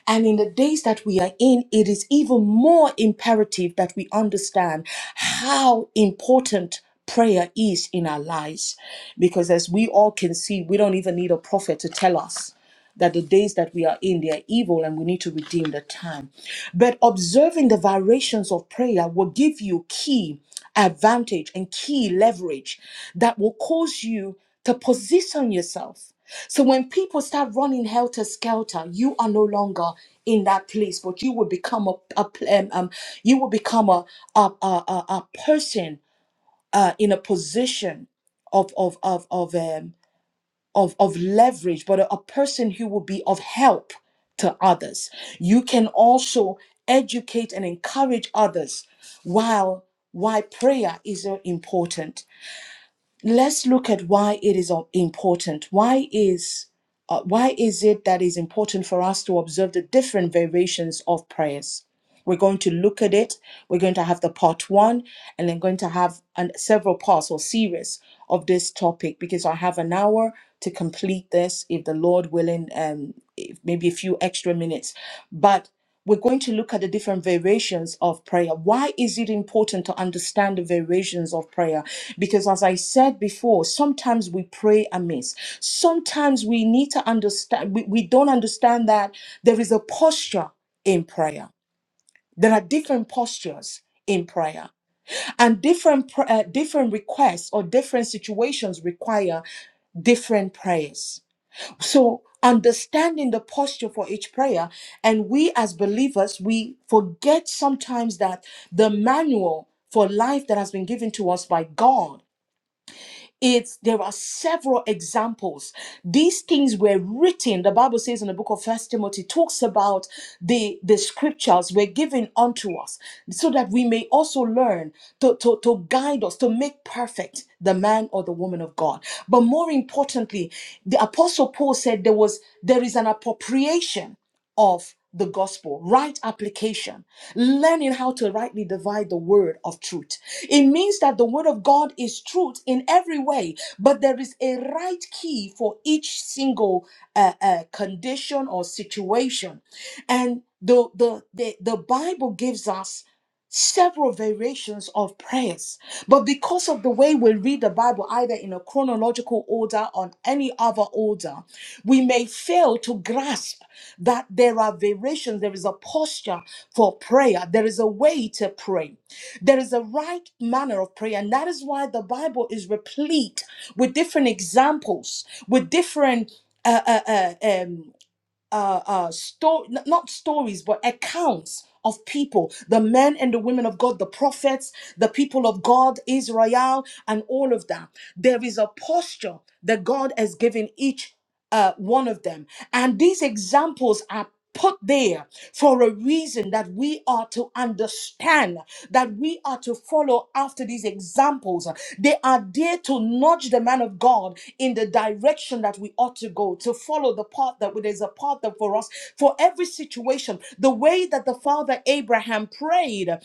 Speaker 1: And in the days that we are in, it is even more imperative that we understand how important prayer is in our lives. Because as we all can see, we don't even need a prophet to tell us that the days that we are in they are evil and we need to redeem the time but observing the variations of prayer will give you key advantage and key leverage that will cause you to position yourself so when people start running helter skelter, you are no longer in that place, but you will become a, a pl- um, um, you will become a a a, a, a person uh, in a position of of of of um of of leverage, but a, a person who will be of help to others. You can also educate and encourage others while why prayer is so important let's look at why it is of- important. Why is uh, why is it that is important for us to observe the different variations of prayers? We're going to look at it. We're going to have the part one and then going to have an, several parts or series of this topic because I have an hour to complete this, if the Lord willing, um, if- maybe a few extra minutes. But we're going to look at the different variations of prayer. Why is it important to understand the variations of prayer? Because, as I said before, sometimes we pray amiss. Sometimes we need to understand, we, we don't understand that there is a posture in prayer. There are different postures in prayer, and different pr- uh, different requests or different situations require different prayers. So understanding the posture for each prayer and we as believers we forget sometimes that the manual for life that has been given to us by God it's there are several examples these things were written the bible says in the book of first timothy talks about the the scriptures were given unto us so that we may also learn to, to, to guide us to make perfect the man or the woman of god but more importantly the apostle paul said there was there is an appropriation of the gospel, right application, learning how to rightly divide the word of truth. It means that the word of God is truth in every way, but there is a right key for each single uh, uh, condition or situation. And the, the, the, the Bible gives us several variations of prayers. But because of the way we read the Bible, either in a chronological order or any other order, we may fail to grasp that there are variations, there is a posture for prayer, there is a way to pray, there is a right manner of prayer. And that is why the Bible is replete with different examples, with different uh, uh, uh, um, uh, uh, sto- n- not stories, but accounts of people, the men and the women of God, the prophets, the people of God, Israel, and all of that. There is a posture that God has given each uh, one of them. And these examples are put there for a reason that we are to understand, that we are to follow after these examples. They are there to nudge the man of God in the direction that we ought to go, to follow the path that there's a path that for us for every situation. The way that the father Abraham prayed uh,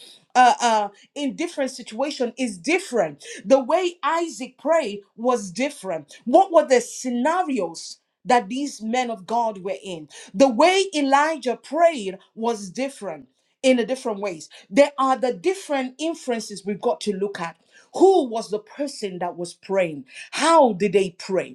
Speaker 1: uh, in different situation is different. The way Isaac prayed was different. What were the scenarios? that these men of God were in. The way Elijah prayed was different in a different ways. There are the different inferences we've got to look at. Who was the person that was praying? How did they pray?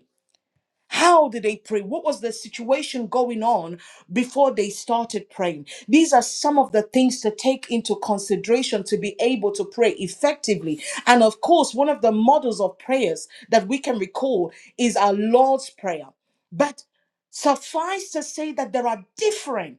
Speaker 1: How did they pray? What was the situation going on before they started praying? These are some of the things to take into consideration to be able to pray effectively. And of course, one of the models of prayers that we can recall is our Lord's Prayer. But suffice to say that there are different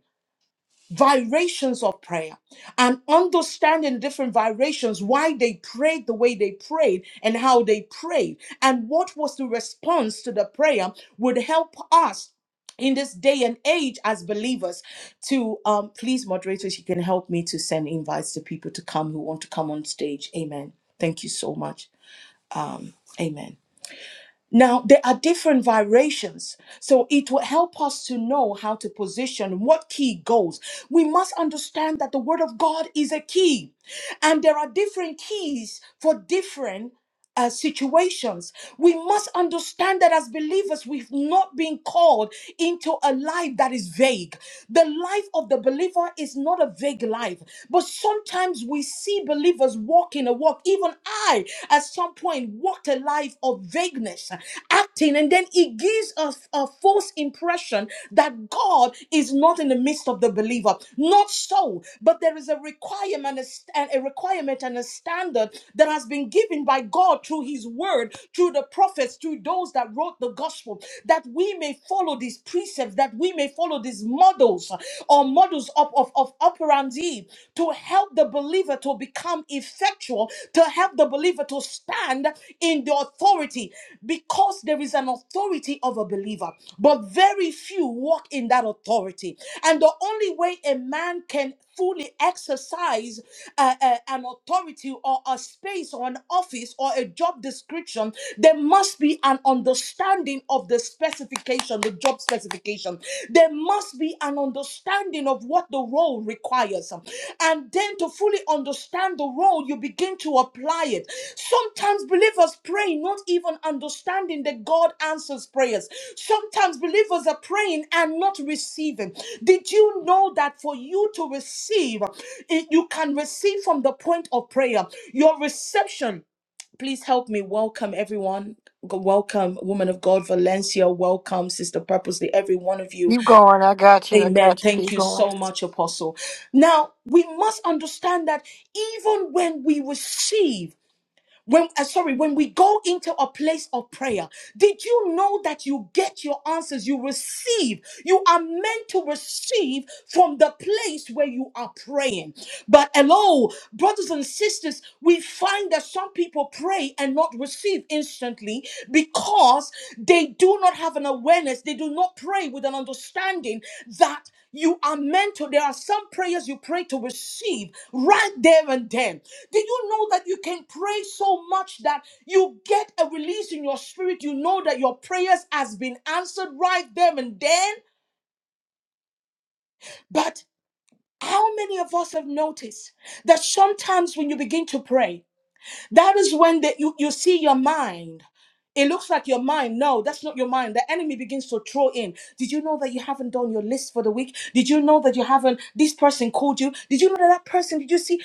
Speaker 1: vibrations of prayer and understanding different vibrations, why they prayed the way they prayed and how they prayed, and what was the response to the prayer would help us in this day and age as believers to um please moderators you can help me to send invites to people to come who want to come on stage amen thank you so much um amen now, there are different variations, so it will help us to know how to position what key goes. We must understand that the Word of God is a key, and there are different keys for different uh, situations. We must understand that as believers, we've not been called into a life that is vague. The life of the believer is not a vague life, but sometimes we see believers walking a walk. Even I, at some point, walked a life of vagueness, acting, and then it gives us a false impression that God is not in the midst of the believer. Not so, but there is a requirement, and a st- and a requirement and a standard that has been given by God God through his word, through the prophets, through those that wrote the gospel, that we may follow these precepts, that we may follow these models uh, or models of, of, of operandi to help the believer to become effectual, to help the believer to stand in the authority because there is an authority of a believer, but very few walk in that authority. And the only way a man can fully exercise uh, uh, an authority or a space or an office or a job description, there must be an understanding of the specification, the job specification. There must be an understanding of what the role requires. And then to fully understand understand the role, you begin to apply it. Sometimes believers pray not even understanding that God answers prayers. Sometimes believers are praying and not receiving. Did you know that for you to receive, it- you can receive from the point of prayer? Your reception. Please help me welcome everyone. Welcome, woman of God, Valencia. Welcome, Sister Purposely, every one of you.
Speaker 2: Keep going. I got you. I
Speaker 1: Amen.
Speaker 2: got you.
Speaker 1: Thank
Speaker 2: Keep
Speaker 1: you
Speaker 2: going.
Speaker 1: so much, Apostle. Now, we must understand that even when we receive, when uh, sorry, when we go into a place of prayer, did you know that you get your answers? You receive. You are meant to receive from the place where you are praying. But hello, brothers and sisters, we find that some people pray and not receive instantly because they do not have an awareness. They do not pray with an understanding that. You are meant to. There are some prayers you pray to receive right there and then. Did you know that you can pray so much that you get a release in your spirit? You know that your prayers has been answered right there and then. But how many of us have noticed that sometimes when you begin to pray, That is when the, you, you see your mind. It looks like your mind. No, that's not your mind. The enemy begins to throw in. Did you know that you haven't done your list for the week? Did you know that you haven't? This person called you. Did you know that that person? Did you see?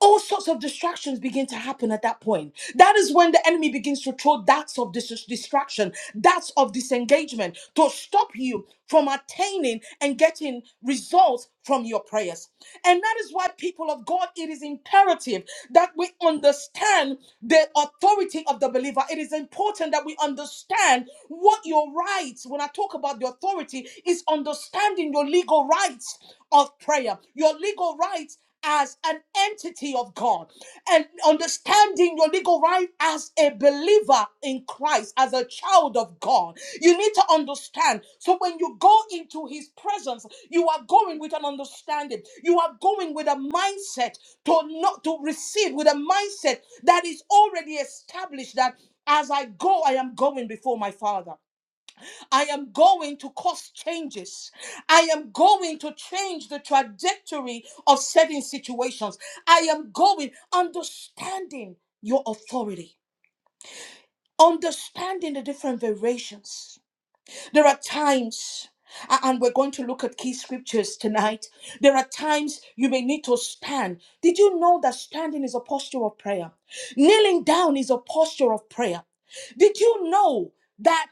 Speaker 1: All sorts of distractions begin to happen at that point. That is when the enemy begins to throw darts of dis- distraction, darts of disengagement to stop you from attaining and getting certain results from your prayers. And that is why, people of God, it is imperative that we understand the authority of the believer. It is important that we understand what your rights, when I talk about the authority, is understanding your legal rights of prayer, your legal rights as an entity of God and understanding your legal right as a believer in Christ, as a child of God. You need to understand. So when you go into his presence, you are going with an understanding. You are going with a mindset to not to receive with a mindset that is already established that as I go, I am going before my father. I am going to cause changes. I am going to change the trajectory of certain situations. I am going understanding your authority, understanding the different variations. There are times, a- and we're going to look at key scriptures tonight. There are times you may need to stand. Did you know that standing is a posture of prayer? Kneeling down is a posture of prayer. Did you know that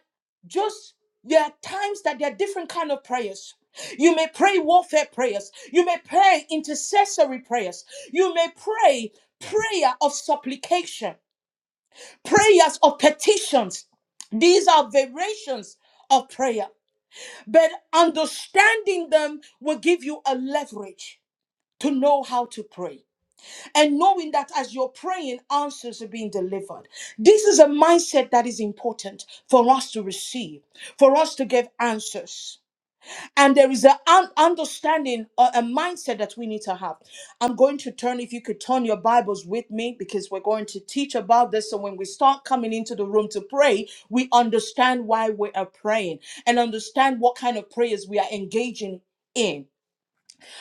Speaker 1: just there are times that there are different kind of prayers? You may pray warfare prayers. You may pray intercessory prayers. You may pray prayer of supplication, prayers of petitions. These are variations of prayer. But understanding them will give you a leverage to know how to pray. And knowing that as you're praying, answers are being delivered. This is a mindset that is important for us to receive, for us to give answers. And there is an understanding or a mindset that we need to have. I'm going to turn, if you could turn your Bibles with me, because we're going to teach about this. So when we start coming into the room to pray, we understand why we are praying and understand what kind of prayers we are engaging in.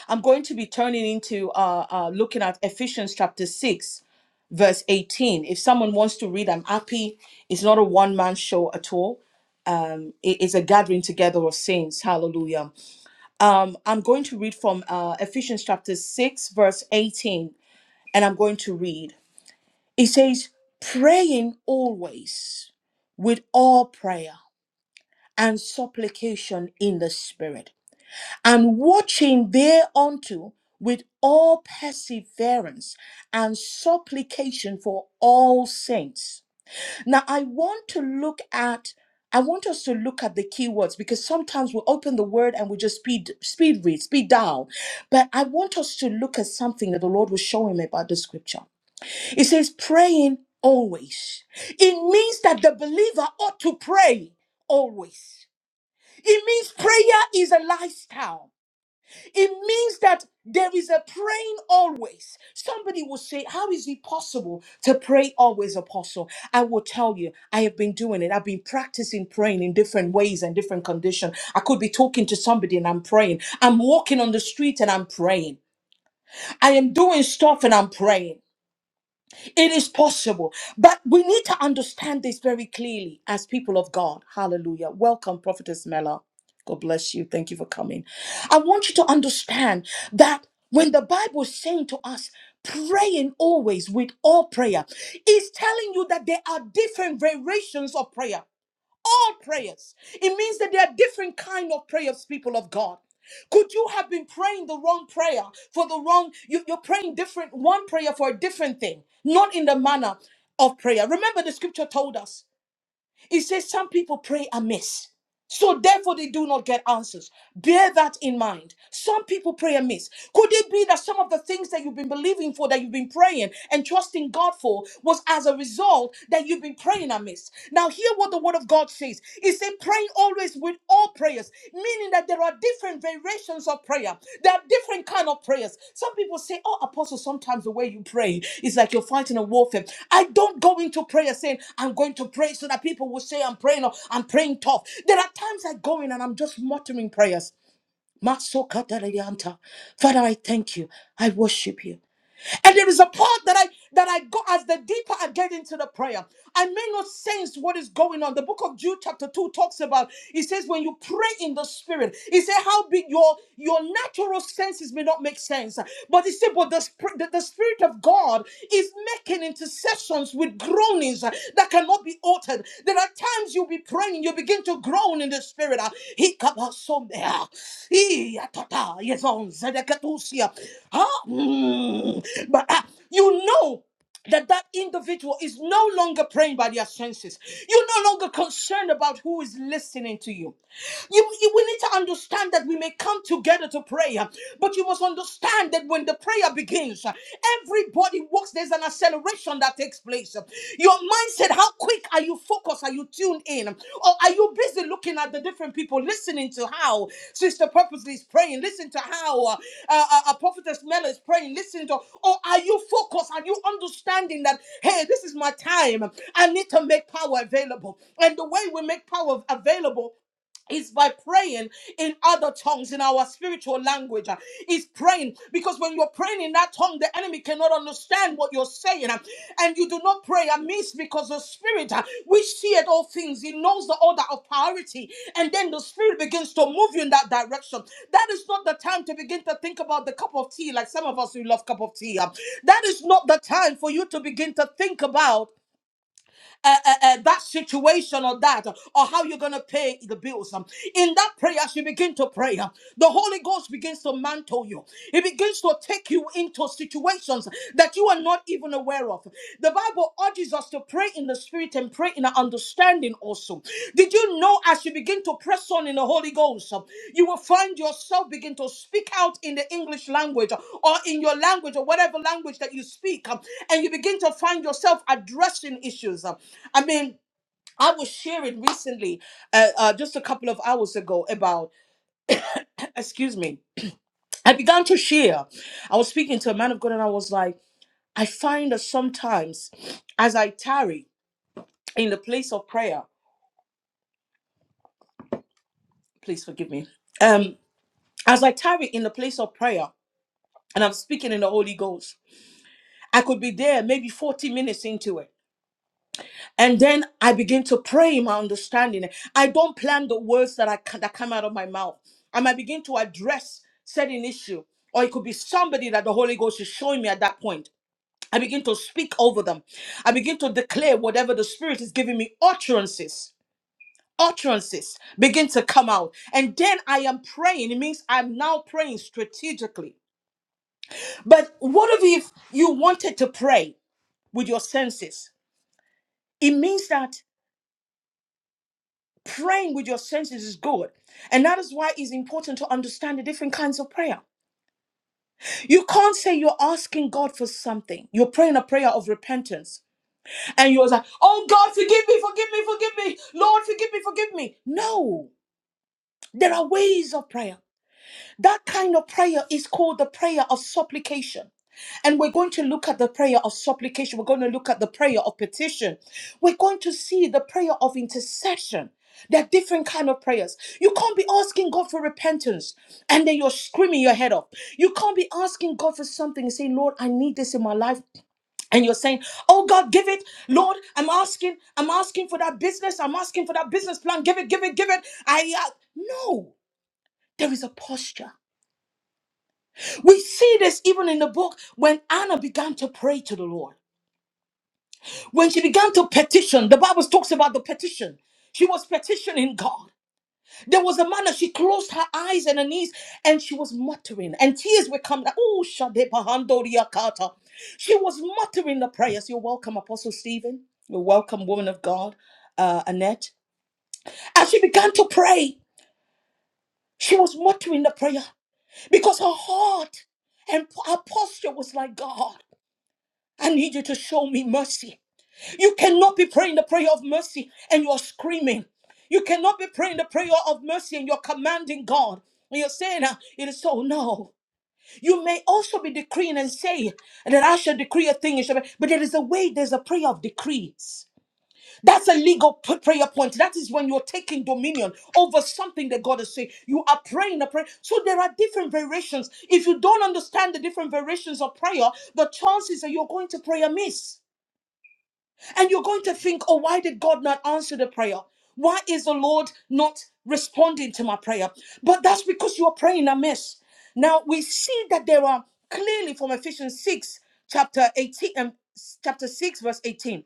Speaker 1: I'm going to be turning into uh, uh, looking at Ephesians chapter 6, verse 18. If someone wants to read, I'm happy. It's not a one man show at all. Um, it is a gathering together of saints. Hallelujah. Um, I'm going to read from uh, Ephesians chapter 6, verse 18, and I'm going to read. It says, Praying always with all prayer and supplication in the Spirit, and watching thereunto with all perseverance and supplication for all saints now, I want to look at, I want us to look at the keywords because sometimes we open the word and we just speed, speed read, speed down. But I want us to look at something that the Lord was showing me about the scripture. It says, praying always. It means that the believer ought to pray always. It means prayer is a lifestyle. It means that there is a praying always. Somebody will say, How is it possible to pray always, Apostle? I will tell you, I have been doing it. I've been practicing praying in different ways and different conditions. I could be talking to somebody and I'm praying. I'm walking on the street and I'm praying. I am doing stuff and I'm praying. It is possible. But we need to understand this very clearly as people of God. Hallelujah. Welcome, Prophetess Mela. God bless you. Thank you for coming. I want you to understand that when the Bible is saying to us, praying always with all prayer, it's telling you that there are different variations of prayer all prayers. It means that there are different kind of prayers, people of God. Could you have been praying the wrong prayer for the wrong? You, you're praying different one prayer for a different thing, not in the manner of prayer. Remember, the scripture told us. It says some people pray amiss. So therefore they do not get answers. Bear that in mind. Some people pray amiss. Could it be that some of the things that you've been believing for, that you've been praying and trusting God for, was as a result that you've been praying amiss? Now hear what the word of God says. It said praying always with all prayers meaning that there are different variations of prayer. There are different kind of prayers. Some people say, "Oh, apostle, sometimes the way you pray is like you're fighting a warfare." I don't go into prayer saying I'm going to pray so that people will say I'm praying or I'm praying tough. There are times I go in and I'm just muttering prayers. Masokataleanta. Father, I thank you. I worship you. And there is a part that I that I go as the deeper I get into the prayer. I may not sense what is going on. The book of Jude chapter 2 talks about it says when you pray in the spirit, it says how big your your natural senses may not make sense. But it said, but the, spir- the, the spirit of God is making intercessions with groanings that cannot be altered. There are times you'll be praying, you begin to groan, alone in the spirit. uh, He kabasonde, uh, he atata, yes, on zedekatusia. Huh? Mm. But uh, you know that that individual is no longer praying by their senses. You're no longer concerned about who is listening to you. You, you we need to understand that we may come together to pray, uh, but you must understand that when the prayer begins, uh, everybody works, there's an acceleration that takes place. Your mindset, how quick are you focused? Are you tuned in? Or are you busy looking at the different people, listening to how Sister Purposely is praying? Listen to how uh, uh, uh, Prophetess Mel is praying? Listen to, or are you focused? Are you understanding that, hey, this is my time? I need to make power available. And the way we make power available is by praying in other tongues in our spiritual language uh, is praying because when you're praying in that tongue the enemy cannot understand what you're saying uh, and you do not pray amiss because the spirit uh, which seeth all things he knows the order of priority and then the spirit begins to move you in that direction that is not the time to begin to think about the cup of tea like some of us who love cup of tea uh, that is not the time for you to begin to think about uh, uh, uh, that situation or that, or how you're going to pay the bills. Um, In that prayer, as you begin to pray, uh, the Holy Ghost begins to mantle you. He begins to take you into situations that you are not even aware of. The Bible urges us to pray in the spirit and pray in an understanding also. Did you know as you begin to press on in the Holy Ghost, uh, you will find yourself begin to speak out in the English language uh, or in your language or whatever language that you speak, um, and you begin to find yourself addressing issues. uh. I mean, I was sharing recently, uh, uh, just a couple of hours ago, about, excuse me, I began to share. I was speaking to a man of God and I was like, I find that sometimes as I tarry in the place of prayer, please forgive me. Um, as I tarry in the place of prayer and I'm speaking in the Holy Ghost, I could be there maybe 40 minutes into it. And then I begin to pray in my understanding. I don't plan the words that I ca- that come out of my mouth. And I might begin to address certain issue. Or it could be somebody that the Holy Ghost is showing me at that point. I begin to speak over them. I begin to declare whatever the Spirit is giving me utterances. utterances begin to come out. And then I am praying. It means I'm now praying strategically. But what if you wanted to pray with your senses? It means that praying with your senses is good. And that is why it's important to understand the different kinds of prayer. You can't say you're asking God for something. You're praying a prayer of repentance. And you're like, oh God, forgive me, forgive me, forgive me. Lord, forgive me, forgive me. No, there are ways of prayer. That kind of prayer is called the prayer of supplication. And we're going to look at the prayer of supplication. We're going to look at the prayer of petition. We're going to see the prayer of intercession. There are different kind of prayers. You can't be asking God for repentance and then you're screaming your head off. You can't be asking God for something and saying, Lord, I need this in my life. And you're saying, Oh God, give it. Lord, I'm asking, I'm asking for that business. I'm asking for that business plan. Give it, give it, give it. I uh, no, there is a posture. We see this even in the book when Anna began to pray to the Lord. When she began to petition, the Bible talks about the petition. She was petitioning God. There was a man that she closed her eyes and her knees and she was muttering, and tears were coming. Oh, Shade Pahandoria Kata. She was muttering the prayers. You're welcome, Apostle Stephen. You're welcome, woman of God, uh, Annette. As she began to pray, she was muttering the prayer because her heart and her posture was like God. I need you to show me mercy. You cannot be praying the prayer of mercy and you're screaming. You cannot be praying the prayer of mercy and you're commanding God. And you're saying, uh, it is so. No. You may also be decreeing and saying that I shall decree a thing. It shall be. But there is a way, there's a prayer of decrees. That's a legal p- prayer point. That is when you're taking dominion over something that God is saying. You are praying a prayer. So there are different variations. If you don't understand the different variations of prayer, the chances are you're going to pray amiss. And you're going to think, oh, why did God not answer the prayer? Why is the Lord not responding to my prayer? But that's because you are praying amiss. Now we see that there are clearly from Ephesians 6, chapter 18, um, chapter 6, verse 18.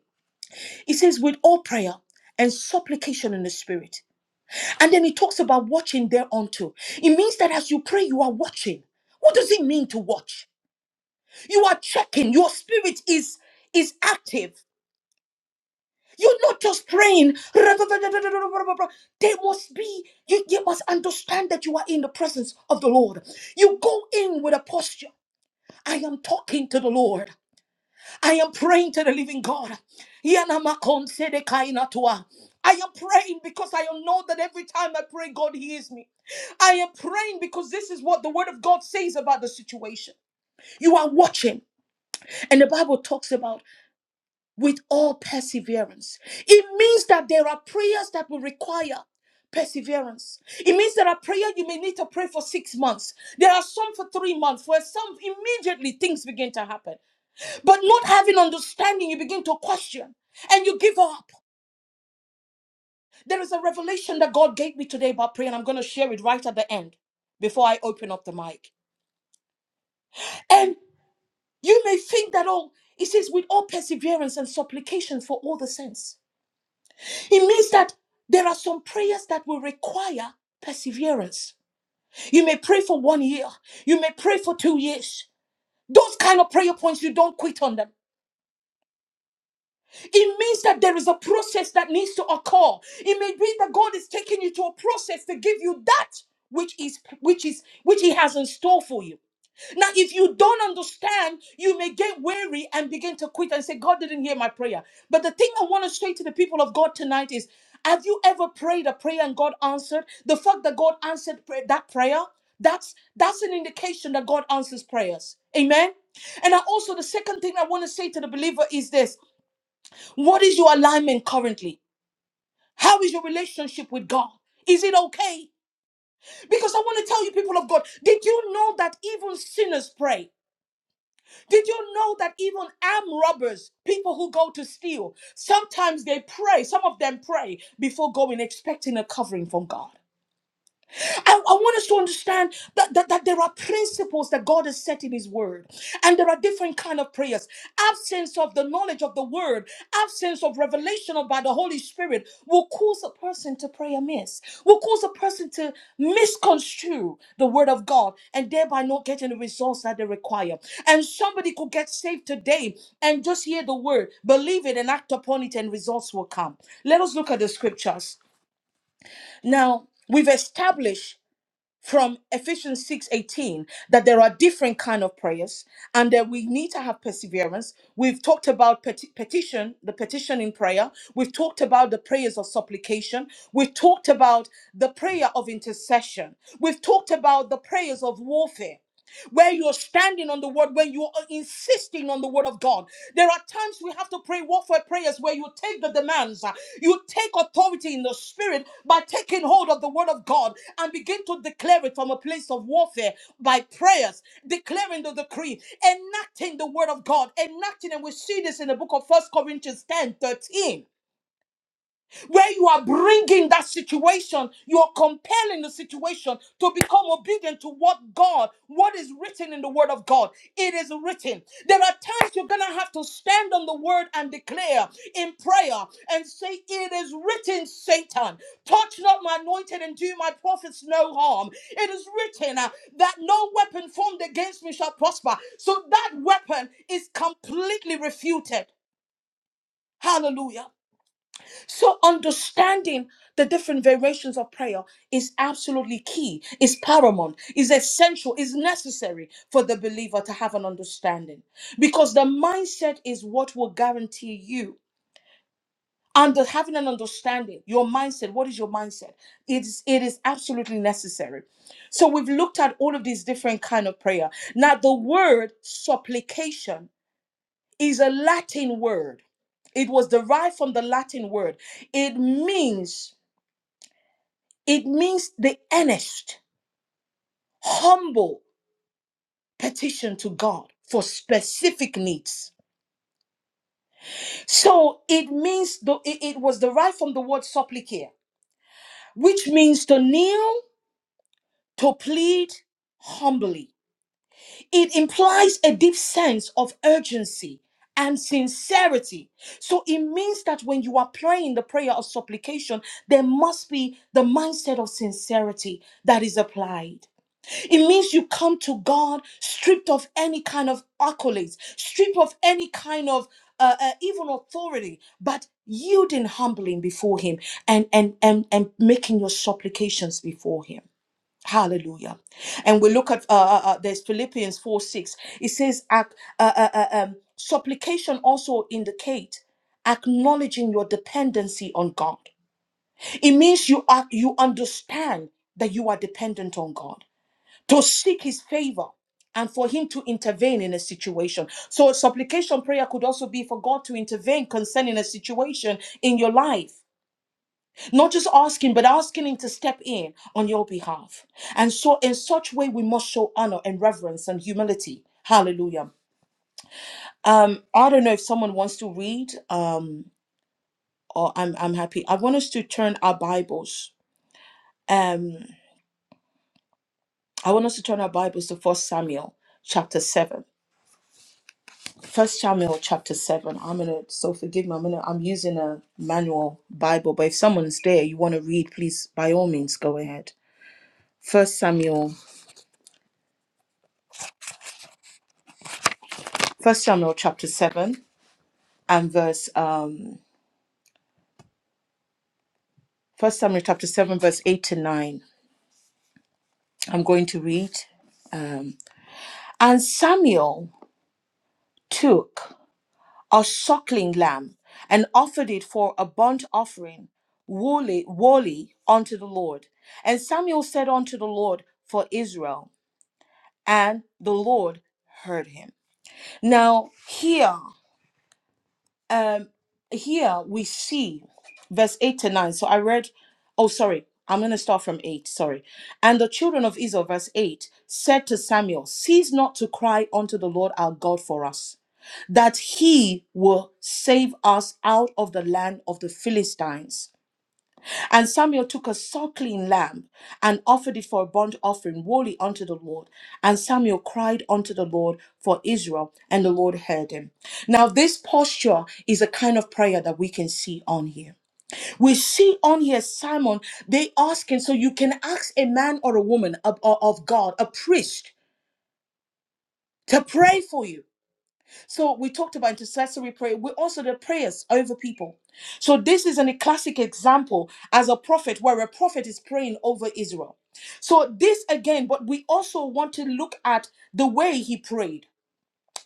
Speaker 1: It says, with all prayer and supplication in the spirit. And then he talks about watching thereunto. It means that as you pray, you are watching. What does it mean to watch? You are checking. Your spirit is is active. You're not just praying. There must be, you, you must understand that you are in the presence of the Lord. You go in with a posture. I am talking to the Lord. I am praying to the living God. Yanamakonsedekainatua. I am praying because I know that every time I pray, God hears me. I am praying because this is what the word of God says about the situation. You are watching, and the Bible talks about with all perseverance. It means that there are prayers that will require perseverance. It means there are prayer you may need to pray for six months. There are some for three months where some immediately things begin to happen. But not having understanding, you begin to question and you give up. There is a revelation that God gave me today about prayer, and I'm going to share it right at the end before I open up the mic. And you may think that, oh, it says, with all perseverance and supplication for all the saints. It means that there are some prayers that will require perseverance. You may pray for one year, you may pray for two years. Those kind of prayer points, you don't quit on them. It means that there is a process that needs to occur. It may be that God is taking you to a process to give you that which is which is which He has in store for you. Now, if you don't understand, you may get weary and begin to quit and say, God didn't hear my prayer. But the thing I want to say to the people of God tonight is have you ever prayed a prayer and God answered? The fact that God answered pray- that prayer, that's that's an indication that God answers prayers. Amen. And I also the second thing I want to say to the believer is this: what is your alignment currently? How is your relationship with God? Is it okay? Because I want to tell you, people of God, did you know that even sinners pray? Did you know that even armed robbers, people who go to steal, sometimes they pray, some of them pray before going, expecting a covering from God? I, I want us to understand that, that, that there are principles that God has set in His Word, and there are different kind of prayers. Absence of the knowledge of the Word, absence of revelation by the Holy Spirit will cause a person to pray amiss, will cause a person to misconstrue the Word of God, and thereby not getting the results that they require. And somebody could get saved today and just hear the Word, believe it, and act upon it, and results will come. Let us look at the scriptures now. We've established from Ephesians 6:18 that there are different kind of prayers and that we need to have perseverance. We've talked about peti- petition, the petition in prayer. We've talked about the prayers of supplication. We've talked about the prayer of intercession. We've talked about the prayers of warfare where you're standing on the word, when you are insisting on the word of God. There are times we have to pray warfare prayers where you take the demands, uh, you take authority in the spirit by taking hold of the word of God and begin to declare it from a place of warfare by prayers, declaring the decree, enacting the word of God, enacting, and we see this in the book of First Corinthians 10 13 where you are bringing that situation, you are compelling the situation to become obedient to what God, what is written in the Word of God. It is written. There are times you're going to have to stand on the Word and declare in prayer and say, It is written, Satan. Touch not my anointed and do my prophets no harm. It is written uh, that no weapon formed against me shall prosper. So that weapon is completely refuted. Hallelujah. So understanding the different variations of prayer is absolutely key, is paramount, is essential, is necessary for the believer to have an understanding. Because the mindset is what will guarantee you. And having an understanding, your mindset, what is your mindset? It is, it is absolutely necessary. So we've looked at all of these different kind of prayer. Now the word supplication is a Latin word. It was derived from the Latin word. It means It means the earnest, humble petition to God for specific needs. So it means the, it it was derived from the word supplicare, which means to kneel, to plead humbly. It implies a deep sense of urgency and sincerity. So it means that when you are praying the prayer of supplication, there must be the mindset of sincerity that is applied. It means you come to God stripped of any kind of accolades, stripped of any kind of uh, uh, even authority, but yielding humbling before Him and and and and making your supplications before Him. Hallelujah. And we look at uh, uh, uh, there's Philippians four six. It says, ac- uh, uh, uh, um, supplication also indicate acknowledging your dependency on God. It means you are you understand that you are dependent on God to seek his favor and for him to intervene in a situation. So, a supplication prayer could also be for God to intervene concerning a situation in your life. Not just asking, but asking him to step in on your behalf. And so, in such way, we must show honor and reverence and humility. Hallelujah. Um, I don't know if someone wants to read, um, or I'm, I'm happy. I want us to turn our Bibles. Um, I want us to turn our Bibles to First Samuel chapter 7. First Samuel chapter seven. I'm gonna so forgive me. I'm gonna I'm using a manual Bible, but if someone's there, you want to read, please by all means go ahead. First Samuel, First Samuel chapter seven and verse um First Samuel chapter seven verse eight to nine. I'm going to read. Um, and Samuel took a suckling lamb and offered it for a burnt offering, wholly, wholly unto the Lord. And Samuel said unto the Lord for Israel. and the Lord heard him. Now here, um, here we see verse eight to nine. So I read. Oh, sorry. I'm going to start from 8, sorry. And the children of Israel, verse 8, said to Samuel, Cease not to cry unto the Lord our God for us, that he will save us out of the land of the Philistines. And Samuel took a suckling lamb and offered it for a burnt offering wholly unto the Lord. And Samuel cried unto the Lord for Israel, and the Lord heard him. Now, this posture is a kind of prayer that we can see on here. We see on here Simon, they asking, so you can ask a man or a woman of, of of God, a priest, to pray for you. So we talked about intercessory prayer. We also the prayers over people. So this is an- a classic example as a prophet where a prophet is praying over Israel. So this again, but we also want to look at the way he prayed.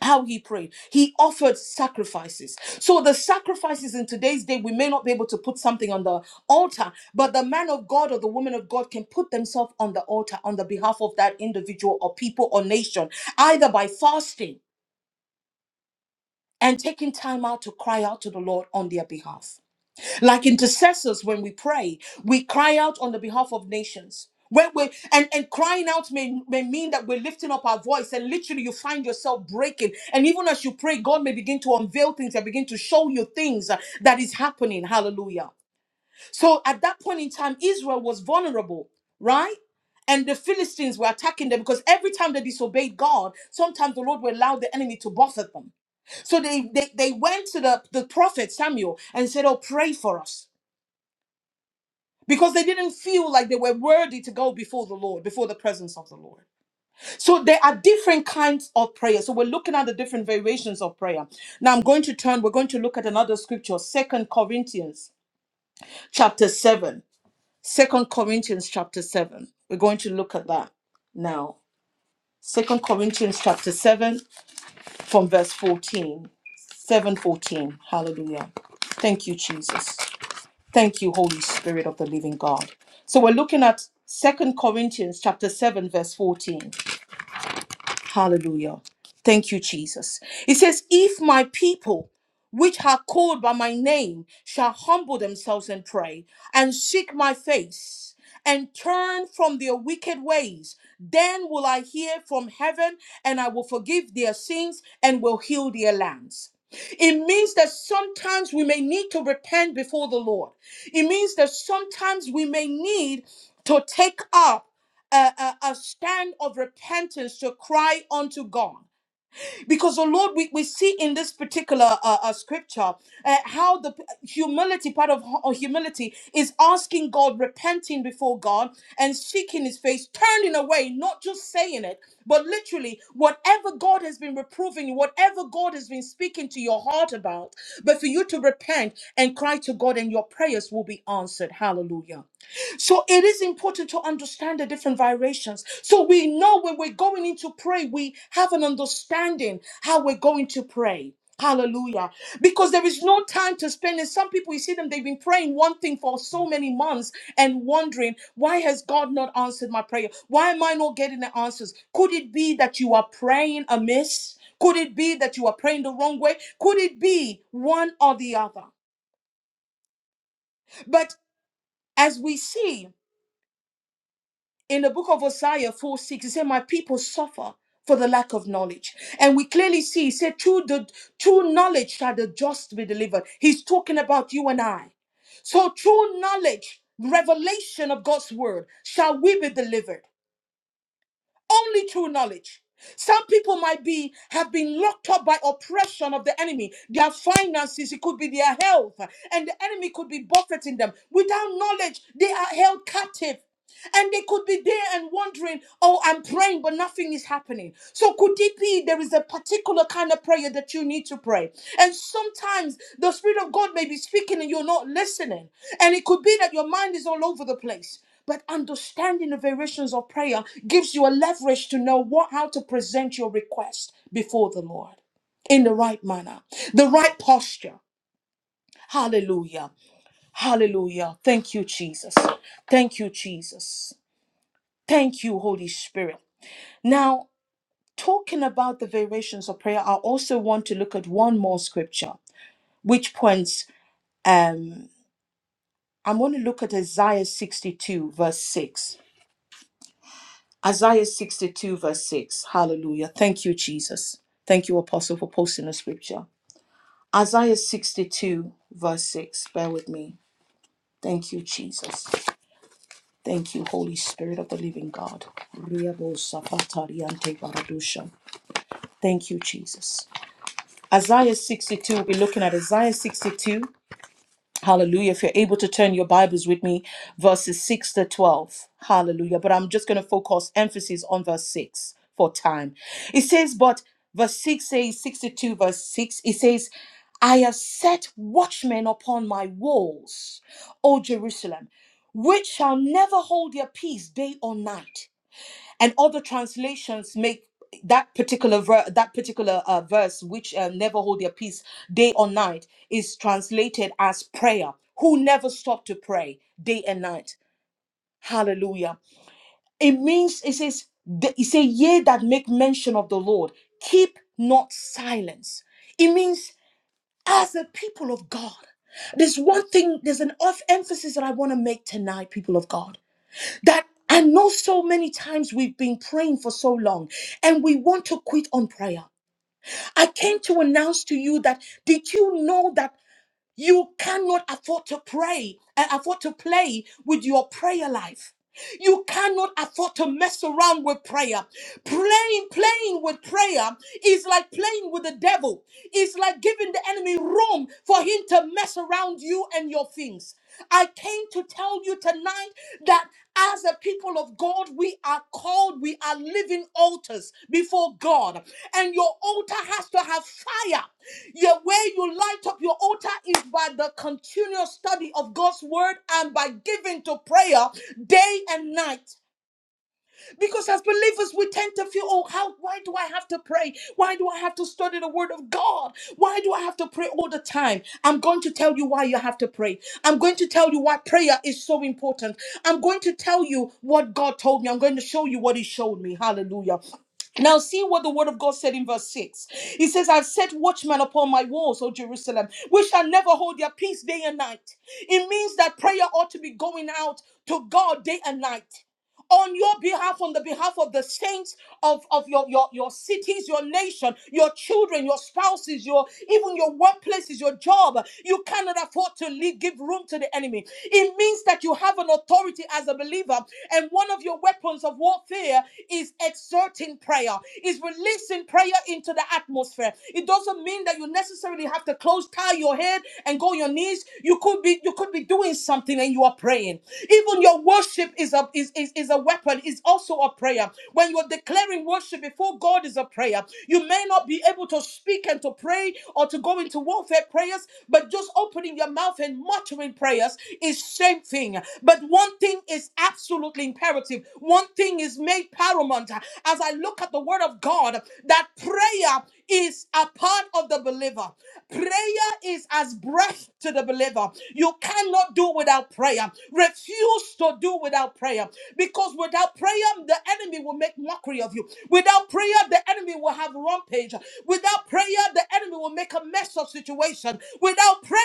Speaker 1: How he prayed. He offered sacrifices. So the sacrifices in today's day, we may not be able to put something on the altar, but the man of God or the woman of God can put themselves on the altar on the behalf of that individual or people or nation, either by fasting and taking time out to cry out to the Lord on their behalf. Like intercessors, when we pray, we cry out on the behalf of nations. When we and, and crying out may, may mean that we're lifting up our voice, and literally you find yourself breaking. And even as you pray, God may begin to unveil things and begin to show you things uh, that is happening. Hallelujah. So at that point in time, Israel was vulnerable, right? And the Philistines were attacking them because every time they disobeyed God, sometimes the Lord would allow the enemy to buffet them. So they, they, they went to the, the prophet Samuel and said, Oh, pray for us. Because they didn't feel like they were worthy to go before the Lord, before the presence of the Lord. So there are different kinds of prayer. So we're looking at the different variations of prayer. Now I'm going to turn, we're going to look at another scripture, Second Corinthians chapter 7. Second Corinthians chapter 7. We're going to look at that now. Second Corinthians chapter 7 from verse 14. 714. Hallelujah. Thank you, Jesus. Thank you, Holy Spirit of the living God. So we're looking at Second Corinthians chapter 7, verse 14. Hallelujah. Thank you, Jesus. It says, If my people, which are called by my name, shall humble themselves and pray, and seek my face, and turn from their wicked ways, then will I hear from heaven, and I will forgive their sins, and will heal their lands. It means that sometimes we may need to repent before the Lord. It means that sometimes we may need to take up a, a, a stand of repentance to cry unto God. Because, oh Lord, we, we see in this particular uh, uh, scripture uh, how the p- humility, part of hu- humility, is asking God, repenting before God and seeking his face, turning away, not just saying it, but literally whatever God has been reproving you, whatever God has been speaking to your heart about, but for you to repent and cry to God and your prayers will be answered. Hallelujah. So it is important to understand the different vibrations. So we know when we're going into pray, we have an understanding how we're going to pray. Hallelujah. Because there is no time to spend. And some people, you see them, they've been praying one thing for so many months and wondering, why has God not answered my prayer? Why am I not getting the answers? Could it be that you are praying amiss? Could it be that you are praying the wrong way? Could it be one or the other? But as we see, in the book of Isaiah 4 6, it said, My people suffer for the lack of knowledge. And we clearly see, he said, Through the true knowledge shall the just be delivered. He's talking about you and I. So true knowledge, revelation of God's word, shall we be delivered. Only true knowledge. Some people might be have been locked up by oppression of the enemy, their finances, it could be their health, and the enemy could be buffeting them. Without knowledge, they are held captive. And they could be there and wondering, oh, I'm praying, but nothing is happening. So, could it be there is a particular kind of prayer that you need to pray? And sometimes the Spirit of God may be speaking and you're not listening. And it could be that your mind is all over the place. But understanding the variations of prayer gives you a leverage to know what, how to present your request before the Lord in the right manner, the right posture. Hallelujah. Hallelujah. Thank you, Jesus. Thank you, Jesus. Thank you, Holy Spirit. Now, talking about the variations of prayer, I also want to look at one more scripture, which points, um, I want to look at Isaiah 62, verse 6. Isaiah 62, verse 6. Hallelujah. Thank you, Jesus. Thank you, Apostle, for posting the scripture. Isaiah 62, verse 6. Bear with me. Thank you, Jesus. Thank you, Holy Spirit of the living God. Riabo sapatari ante baradusha. Thank you, Jesus. Isaiah 62, we'll be looking at Isaiah 62. Hallelujah. If you're able to turn your Bibles with me, verses 6 to 12. Hallelujah. But I'm just going to focus emphasis on verse 6 for time. It says, but verse 6 says, 62, verse 6, it says, I have set watchmen upon my walls, O Jerusalem, which shall never hold their peace day or night and other translations make that particular ver- that particular uh, verse which uh, never hold their peace day or night is translated as prayer who never stop to pray day and night hallelujah it means it says th- it say ye that make mention of the lord keep not silence it means as a people of god there's one thing there's an off emphasis that i want to make tonight people of god that I know so many times we've been praying for so long and we want to quit on prayer. I came to announce to you that did you know that you cannot afford to pray and afford to play with your prayer life? You cannot afford to mess around with prayer. Playing, playing with prayer is like playing with the devil. It's like giving the enemy room for him to mess around you and your things. I came to tell you tonight that as a people people of God, we are called, we are living altars before God. And your altar has to have fire. Your way you light up your altar is by the continual study of God's word and by giving to prayer day and night. Because as believers, we tend to feel, oh, how why do I have to pray? Why do I have to study the word of God? Why do I have to pray all the time? I'm going to tell you why you have to pray. I'm going to tell you why prayer is so important. I'm going to tell you what God told me. I'm going to show you what He showed me. Hallelujah. Now, see what the word of God said in verse 6. He says, I've set watchmen upon my walls, O Jerusalem, which shall never hold their peace day and night. It means that prayer ought to be going out to God day and night on your behalf, on the behalf of the saints of, of your, your, your cities, your nation, your children, your spouses, your even your workplaces, your job. You cannot afford to leave, give room to the enemy. It means that you have an authority as a believer, and one of your weapons of warfare is exerting prayer, is releasing prayer into the atmosphere. It doesn't mean that you necessarily have to close, tie your head, and go on your knees. You could be you could could be doing something and you are praying. Even your worship is a is, is, is a weapon, is also a prayer. When you are declaring worship before God is a prayer. You may not be able to speak and to pray or to go into warfare prayers, but just opening your mouth and muttering prayers is same thing. But one thing is absolutely imperative. One thing is made paramount. As I look at the word of God, that prayer is a part of the believer. Prayer is as breath to the believer. You cannot do without prayer. Refuse to do without prayer because without prayer, the enemy will make mockery of you. Without prayer, the enemy will have rampage. Without prayer, the enemy will make a mess of situation. Without prayer,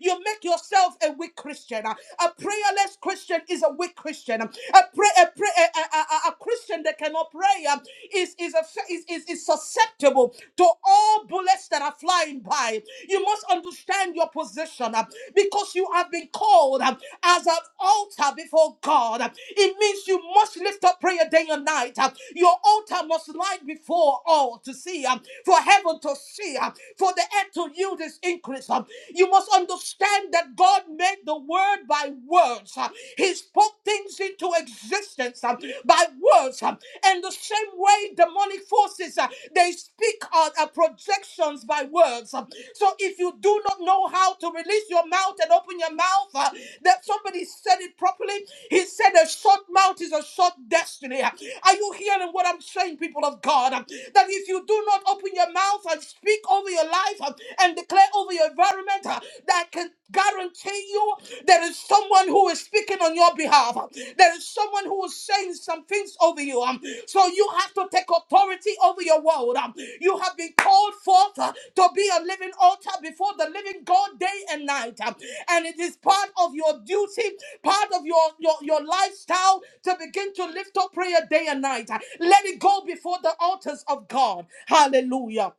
Speaker 1: you make yourself a weak Christian. A prayerless Christian is a weak Christian. A, pray, a, pray, a, a, a a Christian that cannot pray uh, is, is, a, is, is, is susceptible to all bullets that are flying by. You must understand your position uh, because you have been called uh, as an altar before God. uh, It means you must lift up prayer day and night. uh, Your altar must light before all to see, uh, for heaven to see, uh, for the earth to yield its increase. uh, You must understand that God made the word by words. uh, he spoke things into existence um, by words. um, and the same way demonic forces, uh, they speak on uh, projections by words. um. so if you do not know how to release your mouth and open your mouth, uh, that somebody said it properly. He said a short mouth is a short destiny. Uh, Are you hearing what I'm saying, people of God? Um, That if you do not open your mouth and speak over your life um, and declare over your environment, uh, that can guarantee you there is someone who is speaking on your behalf. There is someone who is saying some things over you. Um, So you have to take authority over your world. Um, You have been called forth uh, to be a living altar before the living God day and night. Um, And it is part of your duty, part of your, your, your lifestyle to begin to lift up prayer day and night. Uh, Let it go before the altars of God. Hallelujah.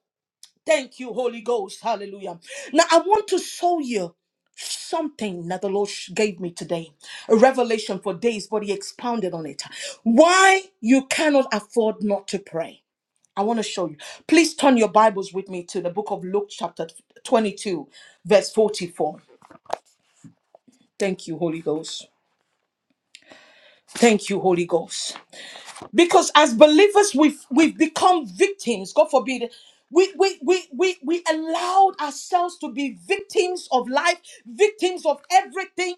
Speaker 1: Thank you, Holy Ghost. Hallelujah. Now, I want to show you something that the Lord sh- gave me today a revelation for days, but He expounded on it. Why you cannot afford not to pray. I want to show you. Please turn your Bibles with me to the book of Luke, chapter 22, verse 44. Thank you, Holy Ghost. Thank you, Holy Ghost. Because as believers, we've we've become victims. God forbid. We, we, we, we, we allowed ourselves to be victims of life, victims of everything.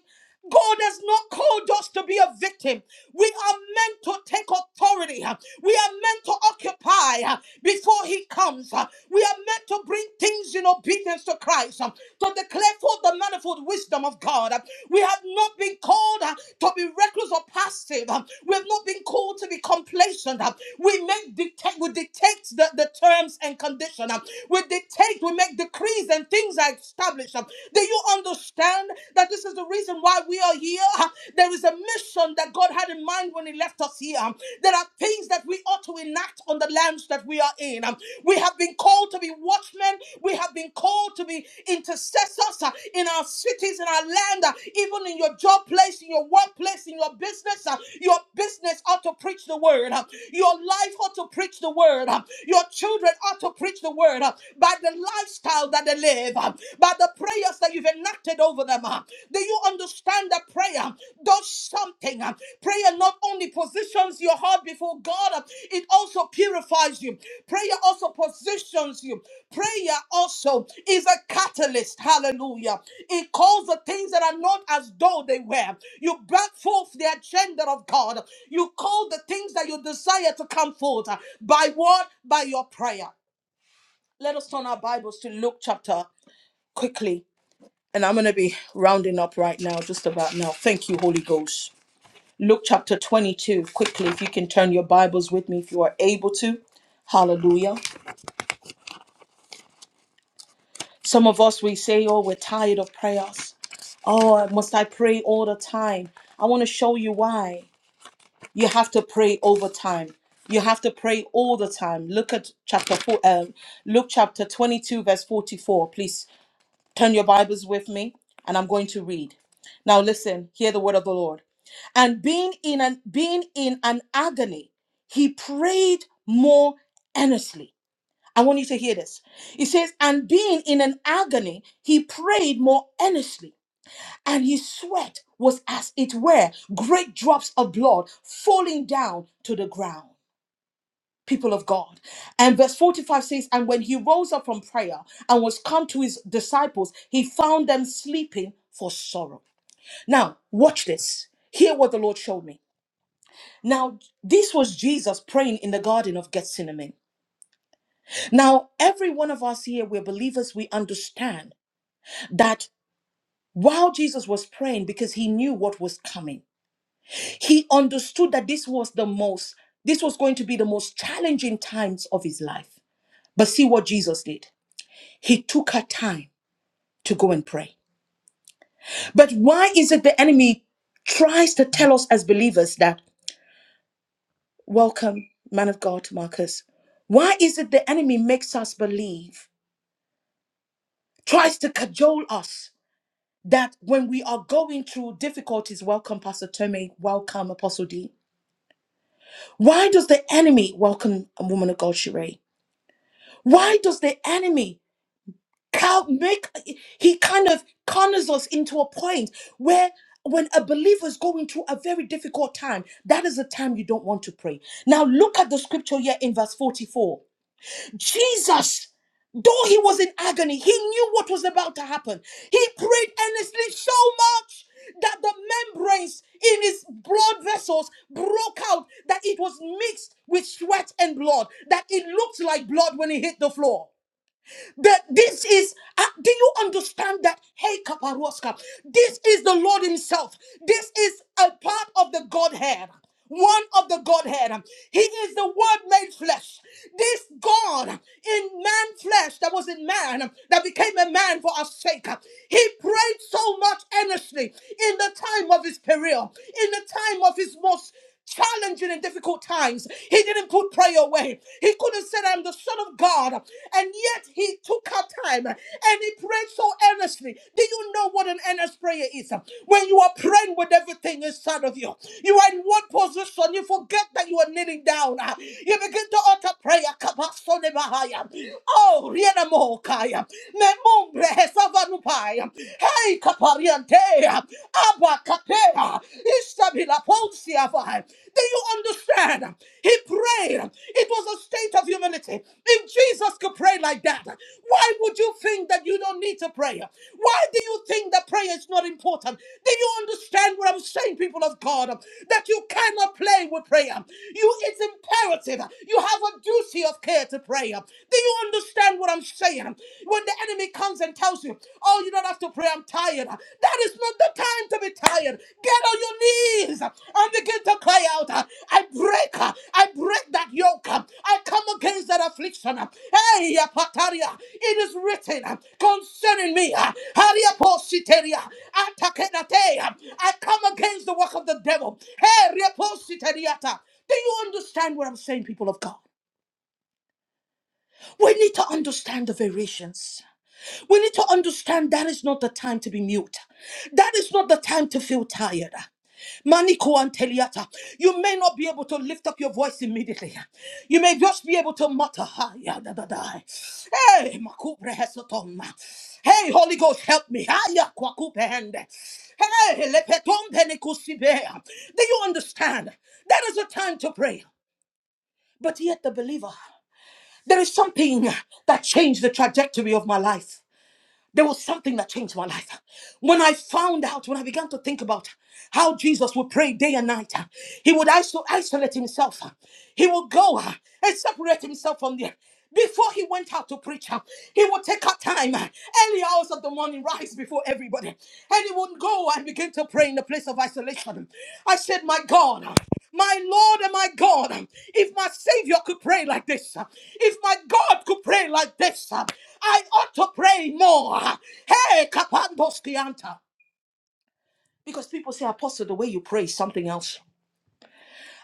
Speaker 1: God has not called us to be a victim. We are meant to take authority. We are meant to occupy before He comes. We are meant to bring things in obedience to Christ, to declare forth the manifold wisdom of God. We have not been called uh, to be reckless or passive. Um, We have not been called to be complacent. Um, We make dictate, we dictate the, the terms and conditions. Um, We dictate, we make decrees and things are established. Um, Do you understand that this is the reason why we are here? Uh, There is a mission that God had in mind when He left us here. Um, There are things that we ought to enact on on the lands that we are in. Um, We have been called to be watchmen. We have been called to be intercessors uh, in our cities, in our land, uh, even in your job place, in your workplace, in your business. uh, Your business ought to preach the word. uh, Your life ought to preach the word. uh, Your children ought to preach the word uh, by the lifestyle that they live, uh, by the prayers that you've enacted over them. uh. Do you understand? Stand up prayer does something. Prayer not only positions your heart before God, it also purifies you. Prayer also positions you. Prayer also is a catalyst. Hallelujah. It calls the things that are not as though they were. You brought forth the agenda of God. You call the things that you desire to come forth. By what? By your prayer. Let us turn our Bibles to Luke chapter quickly. And I'm going to be rounding up right now, just about now. Thank you, Holy Ghost. Luke chapter 22, quickly, if you can turn your Bibles with me, if you are able to. Hallelujah. Some of us, we say, oh, we're tired of prayers. Oh, must I pray all the time? I want to show you why. You have to pray over time. You have to pray all the time. Look at chapter four, um, Luke chapter 22, verse 44. Please Turn your Bibles with me, and I'm going to read. Now listen, hear the word of the Lord. And being in an being in an agony, he prayed more earnestly. I want you to hear this. He says, and being in an agony, he prayed more earnestly, and his sweat was as it were great drops of blood falling down to the ground people of God. And verse 45 says, And when he rose up from prayer and was come to his disciples, he found them sleeping for sorrow. Now, watch this. Hear what the Lord showed me. Now, this was Jesus praying in the Garden of Gethsemane. Now, every one of us here, we're believers, we understand that while Jesus was praying, because he knew what was coming, he understood that this was the most, this was going to be the most challenging times of his life. But see what Jesus did. He took her time to go and pray. But why is it the enemy tries to tell us as believers that, welcome, man of God, Marcus? Why is it the enemy makes us believe, tries to cajole us that when we are going through difficulties, welcome, Pastor Tome, welcome, Apostle D? Why does the enemy welcome a woman of God, Sheree? Why does the enemy cal- make he kind of corners us into a point where when a believer is going through a very difficult time, that is the time you don't want to pray. Now look at the scripture here in verse 44. Jesus, though he was in agony, he knew what was about to happen. He prayed earnestly so much that the membranes in his blood vessels broke out, that it was mixed with sweat and blood, that it looked like blood when he hit the floor. That this is, uh, do you understand that? Hey, Kaparoska, this is the Lord Himself. This is a part of the Godhead. One of the Godhead. He is the Word made flesh. This God in man flesh that was in man, that became a man for our sake. He prayed so much earnestly in the time of his peril, in the time of his most challenging and difficult times. He didn't put prayer away. He could have said, I'm the Son of God. And yet he took out time and he prayed so earnestly. Do you know what an earnest prayer is? When you are praying with everything inside of you, you are in one position. You forget that you are kneeling down. You begin to utter prayer. Kabasonebahaya. Oh, riena mokaya. Memombre hesavanupaya. Hey, kapariante. Abakapea. Ishtabilaponsiavai. Do you understand? He prayed. It was a state of humility. If Jesus could pray like that, why would you think that you don't need to pray? Why do you think that prayer is not important? Do you understand what I'm saying, people of God? That you cannot play with prayer. You it's imperative. You have a duty of care to prayer. Do you understand what I'm saying? When the enemy comes and tells you, oh, you don't have to pray, I'm tired. That is not the time to be tired. Get on your knees and begin to cry out. I break, I break that yoke. I come against that affliction. Hey, Pataria, it is written concerning me. Haria positeria, atakenatea. I come against the work of the devil. Hey, repositeriata. Do you understand what I'm saying, people of God? We need to understand the variations. We need to understand that is not the time to be mute. That is not the time to feel tired. Maniko and Teliata. You may not be able to lift up your voice immediately. You may just be able to mutter. "Ha, ya, da, da, da." Hey, makubre hesotom. Hey, Holy Ghost, help me. Ha, ya, kwakupe hende. Hey, lepetom penikusibe. Do you understand? That is a time to pray. But yet the believer, there is something that changed the trajectory of my life. There was something that changed my life. When I found out, when I began to think about how Jesus would pray day and night, he would iso- isolate himself. He would go uh, and separate himself from the. Before he went out to preach, uh, he would take out time uh, early hours of the morning, rise before everybody. And he would go and begin to pray in the place of isolation. I said, My God, my Lord and my God, if my Savior could pray like this, if my God could pray like this, I ought to pray more. Hey, Kapandoskianta. Because people say, Apostle, the way you pray is something else.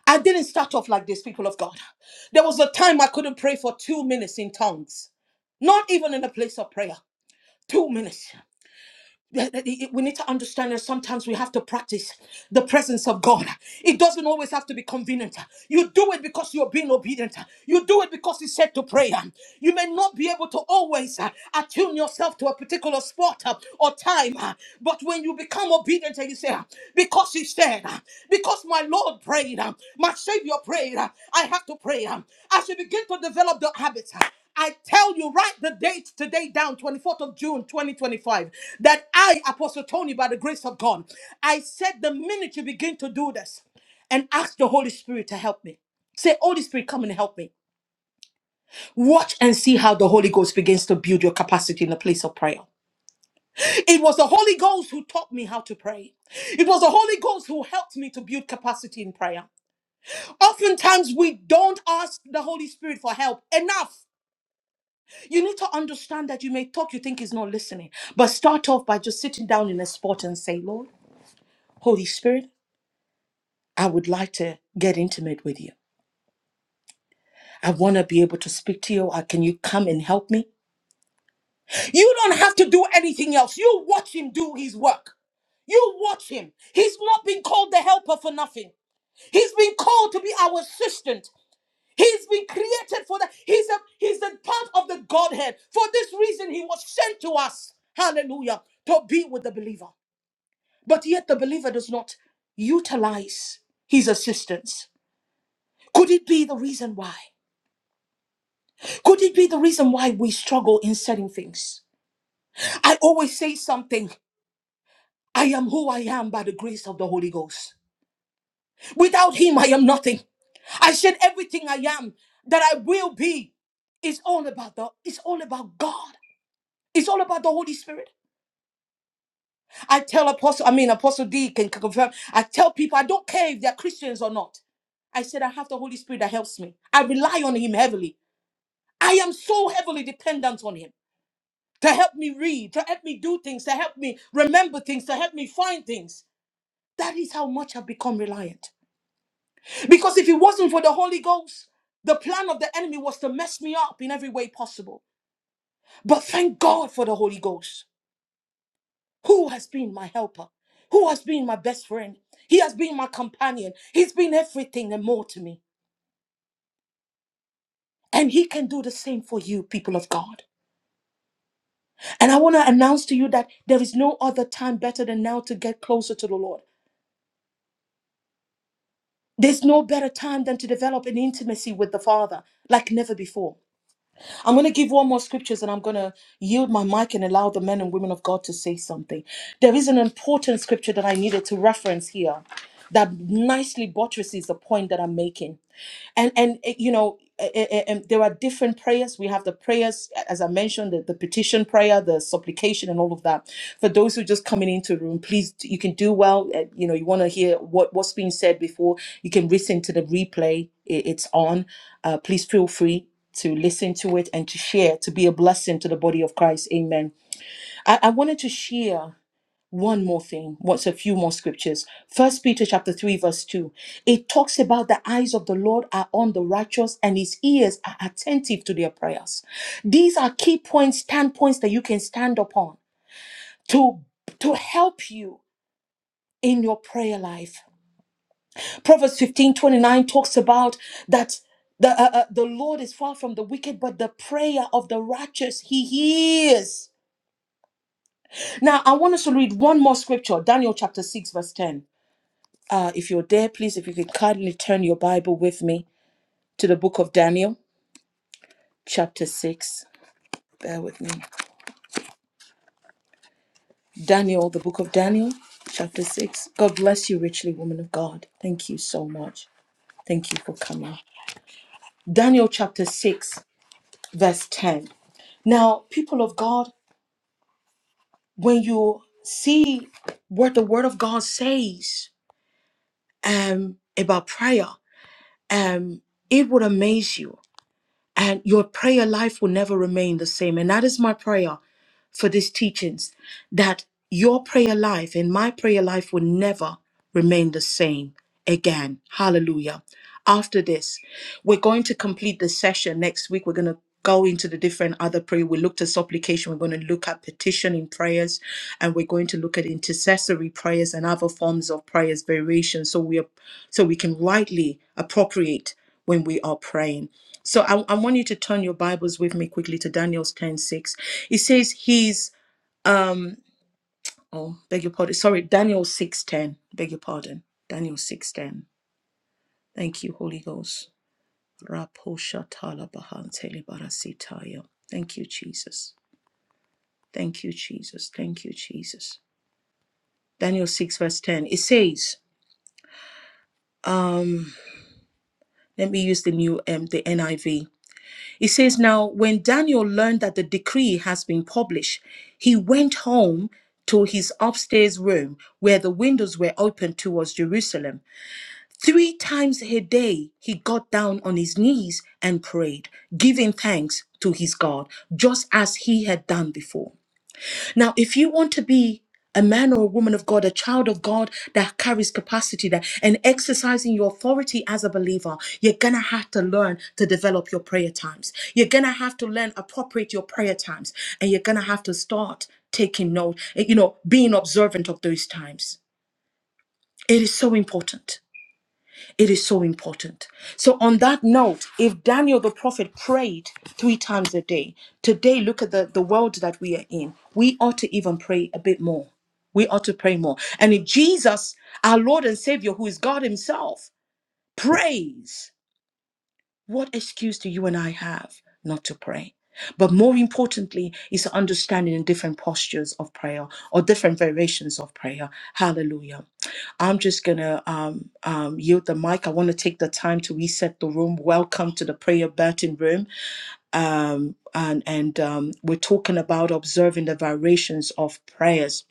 Speaker 1: I didn't start off like this, people of God. There was a time I couldn't pray for two minutes in tongues, not even in a place of prayer. Two minutes. that- that it- we need to understand that sometimes we have to practice the presence of God. It doesn't always have to be convenient. You do it because you're being obedient. You do it because you said to pray. You may not be able to always uh, attune yourself to a particular spot uh, or time, uh, but when you become obedient and you say, uh, because he said, uh, because my Lord prayed, uh, my Savior prayed, uh, I have to pray. uh, As you begin to develop the habits. uh, I tell you, write the date today down, 24th of June, 2025, that I, Apostle Tony, by the grace of God, I said the minute you begin to do this and ask the Holy Spirit to help me. Say, Holy Spirit, come and help me. Watch and see how the Holy Ghost begins to build your capacity in the place of prayer. It was the Holy Ghost who taught me how to pray. It was the Holy Ghost who helped me to build capacity in prayer. Oftentimes, we don't ask the Holy Spirit for help enough. You need to understand that you may talk, you think he's not listening. But start off by just sitting down in a spot and say, Lord, Holy Spirit, I would like to get intimate with you. I want to be able to speak to you. Uh, Can you come and help me? You don't have to do anything else. You watch him do his work. You watch him. He's not been called the helper for nothing. He's been called to be our assistant. He's been created for that. He's a he's a part of the Godhead. For this reason, he was sent to us. Hallelujah. To be with the believer. But yet the believer does not utilize his assistance. Could it be the reason why? Could it be the reason why we struggle in certain things? I always say something I am who I am by the grace of the Holy Ghost. Without Him, I am nothing. I said everything I am that I will be is all about the it's all about God. It's all about the Holy Spirit. I tell Apostle, I mean, Apostle D can c- confirm. I tell people, I don't care if they're Christians or not. I said, I have the Holy Spirit that helps me. I rely on Him heavily. I am so heavily dependent on Him to help me read, to help me do things, to help me remember things, to help me find things. That is how much I've become reliant. Because if it wasn't for the Holy Ghost, the plan of the enemy was to mess me up in every way possible. But thank God for the Holy Ghost. who has been my helper, who has been my best friend. He has been my companion. He's been everything and more to me. And he can do the same for you, people of God. And I want to announce to you that there is no other time better than now to get closer to the Lord. There's no better time than to develop an intimacy with the Father like never before. I'm going to give one more scriptures and I'm going to yield my mic and allow the men and women of God to say something. There is an important scripture that I needed to reference here that nicely buttresses the point that I'm making. and and eh, you know eh, eh, eh, and there are different prayers we have the prayers a- as i mentioned the, the petition prayer the supplication and all of that for those who are just coming into the room please d- you can do well eh, you know you want to hear what what's being said before you can listen to the replay i- it's on uh, please feel free to listen to it and to share to be a blessing to the body of christ amen i, I wanted to share one more thing what's a few more scriptures first peter chapter 3 verse 2 it talks about the eyes of the lord are on the righteous and his ears are attentive to their prayers these are key points standpoints that you can stand upon to to help you in your prayer life proverbs 15 29 talks about that the, uh, uh, the Lord is far from the wicked, but the prayer of the righteous he hears. Now, I want us to read one more scripture, Daniel chapter 6, verse 10. Uh, if you're there, please, if you could kindly turn your Bible with me to the book of Daniel, chapter 6. Bear with me. Daniel, the book of Daniel, chapter 6. God bless you richly, woman of God. Thank you so much. Thank you for coming. Daniel, chapter 6, verse 10. Now, people of God, when you see what the Word of God says um, about prayer, um, it would amaze you and your prayer life will never remain the same. And that is my prayer for these teachings that your prayer life and my prayer life will never remain the same again. Hallelujah. After this, we're going to complete the session next week. We're going to go into the different other prayer. We looked at supplication. We're going to look at petitioning prayers, and we're going to look at intercessory prayers and other forms of prayers variations. So we are, so we can rightly appropriate when we are praying. So I, I want you to turn your Bibles with me quickly to Daniel's ten six. It says he's um oh beg your pardon sorry Daniel six ten beg your pardon Daniel six ten. Thank you Holy Ghost. Raposha talabahantele barasitaya. Thank you, Jesus. Thank you, Jesus. Thank you, Jesus. Daniel 6, verse 10. It says, um, let me use the new um, the NIV. It says, Now when Daniel learned that the decree has been published, he went home to his upstairs room where the windows were open towards Jerusalem. Three times a day, he got down on his knees and prayed, giving thanks to his God, just as he had done before. Now, if you want to be a man or a woman of God, a child of God that carries capacity that and exercising your authority as a believer, you're gonna have to learn to develop your prayer times. You're gonna have to learn appropriate your prayer times, and you're gonna have to start taking note, you know, being observant of those times. It is so important. It is so important. So, on that note, if Daniel the prophet prayed three times a day, today look at the, the world that we are in. We ought to even pray a bit more. We ought to pray more. And if Jesus, our Lord and Savior, who is God Himself, prays, what excuse do you and I have not to pray? But more importantly, is understanding the different postures of prayer or different variations of prayer. Hallelujah. I'm just going to um, um, yield the mic. I want to take the time to reset the room. Welcome to the Prayer Burton Room. Um, and and um, we're talking about observing the variations of prayers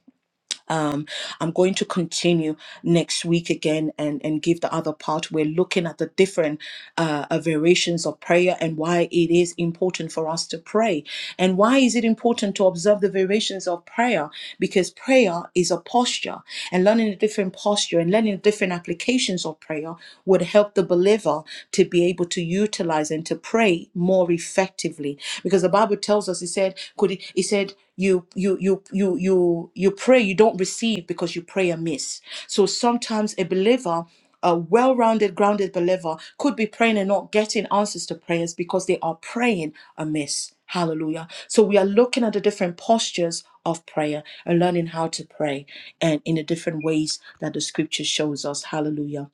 Speaker 1: um, I'm going to continue next week again and, and give the other part. We're looking at the different uh, uh, variations of prayer and why it is important for us to pray. And why is it important to observe the variations of prayer? Because prayer is a posture, and learning a different posture and learning different applications of prayer would help the believer to be able to utilize and to pray more effectively. Because the Bible tells us, it said, could it, it said, you you you you you you pray you don't receive because you pray amiss so sometimes a believer a well-rounded grounded believer could be praying and not getting answers to prayers because they are praying amiss hallelujah so we are looking at the different postures of prayer and learning how to pray and in the different ways that the scripture shows us hallelujah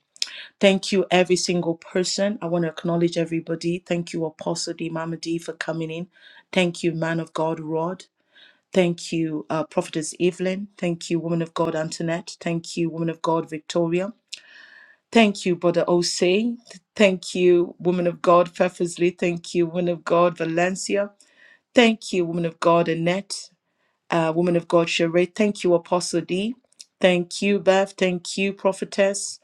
Speaker 1: Thank you, every single person. I want to acknowledge everybody. Thank you, Apostle D. Mamadi, for coming in. Thank you, man of God, Rod. Thank you, uh, Prophetess Evelyn. Thank you, Woman of God Antoinette. Thank you, Woman of God Victoria. Thank you, Brother Osei. Thank you, Woman of God Purposely. Thank you, Woman of God Valencia. Thank you, Woman of God Annette. Uh, woman of God Sheree. Thank you, Apostle D. Thank you, Bev. Thank you, Prophetess.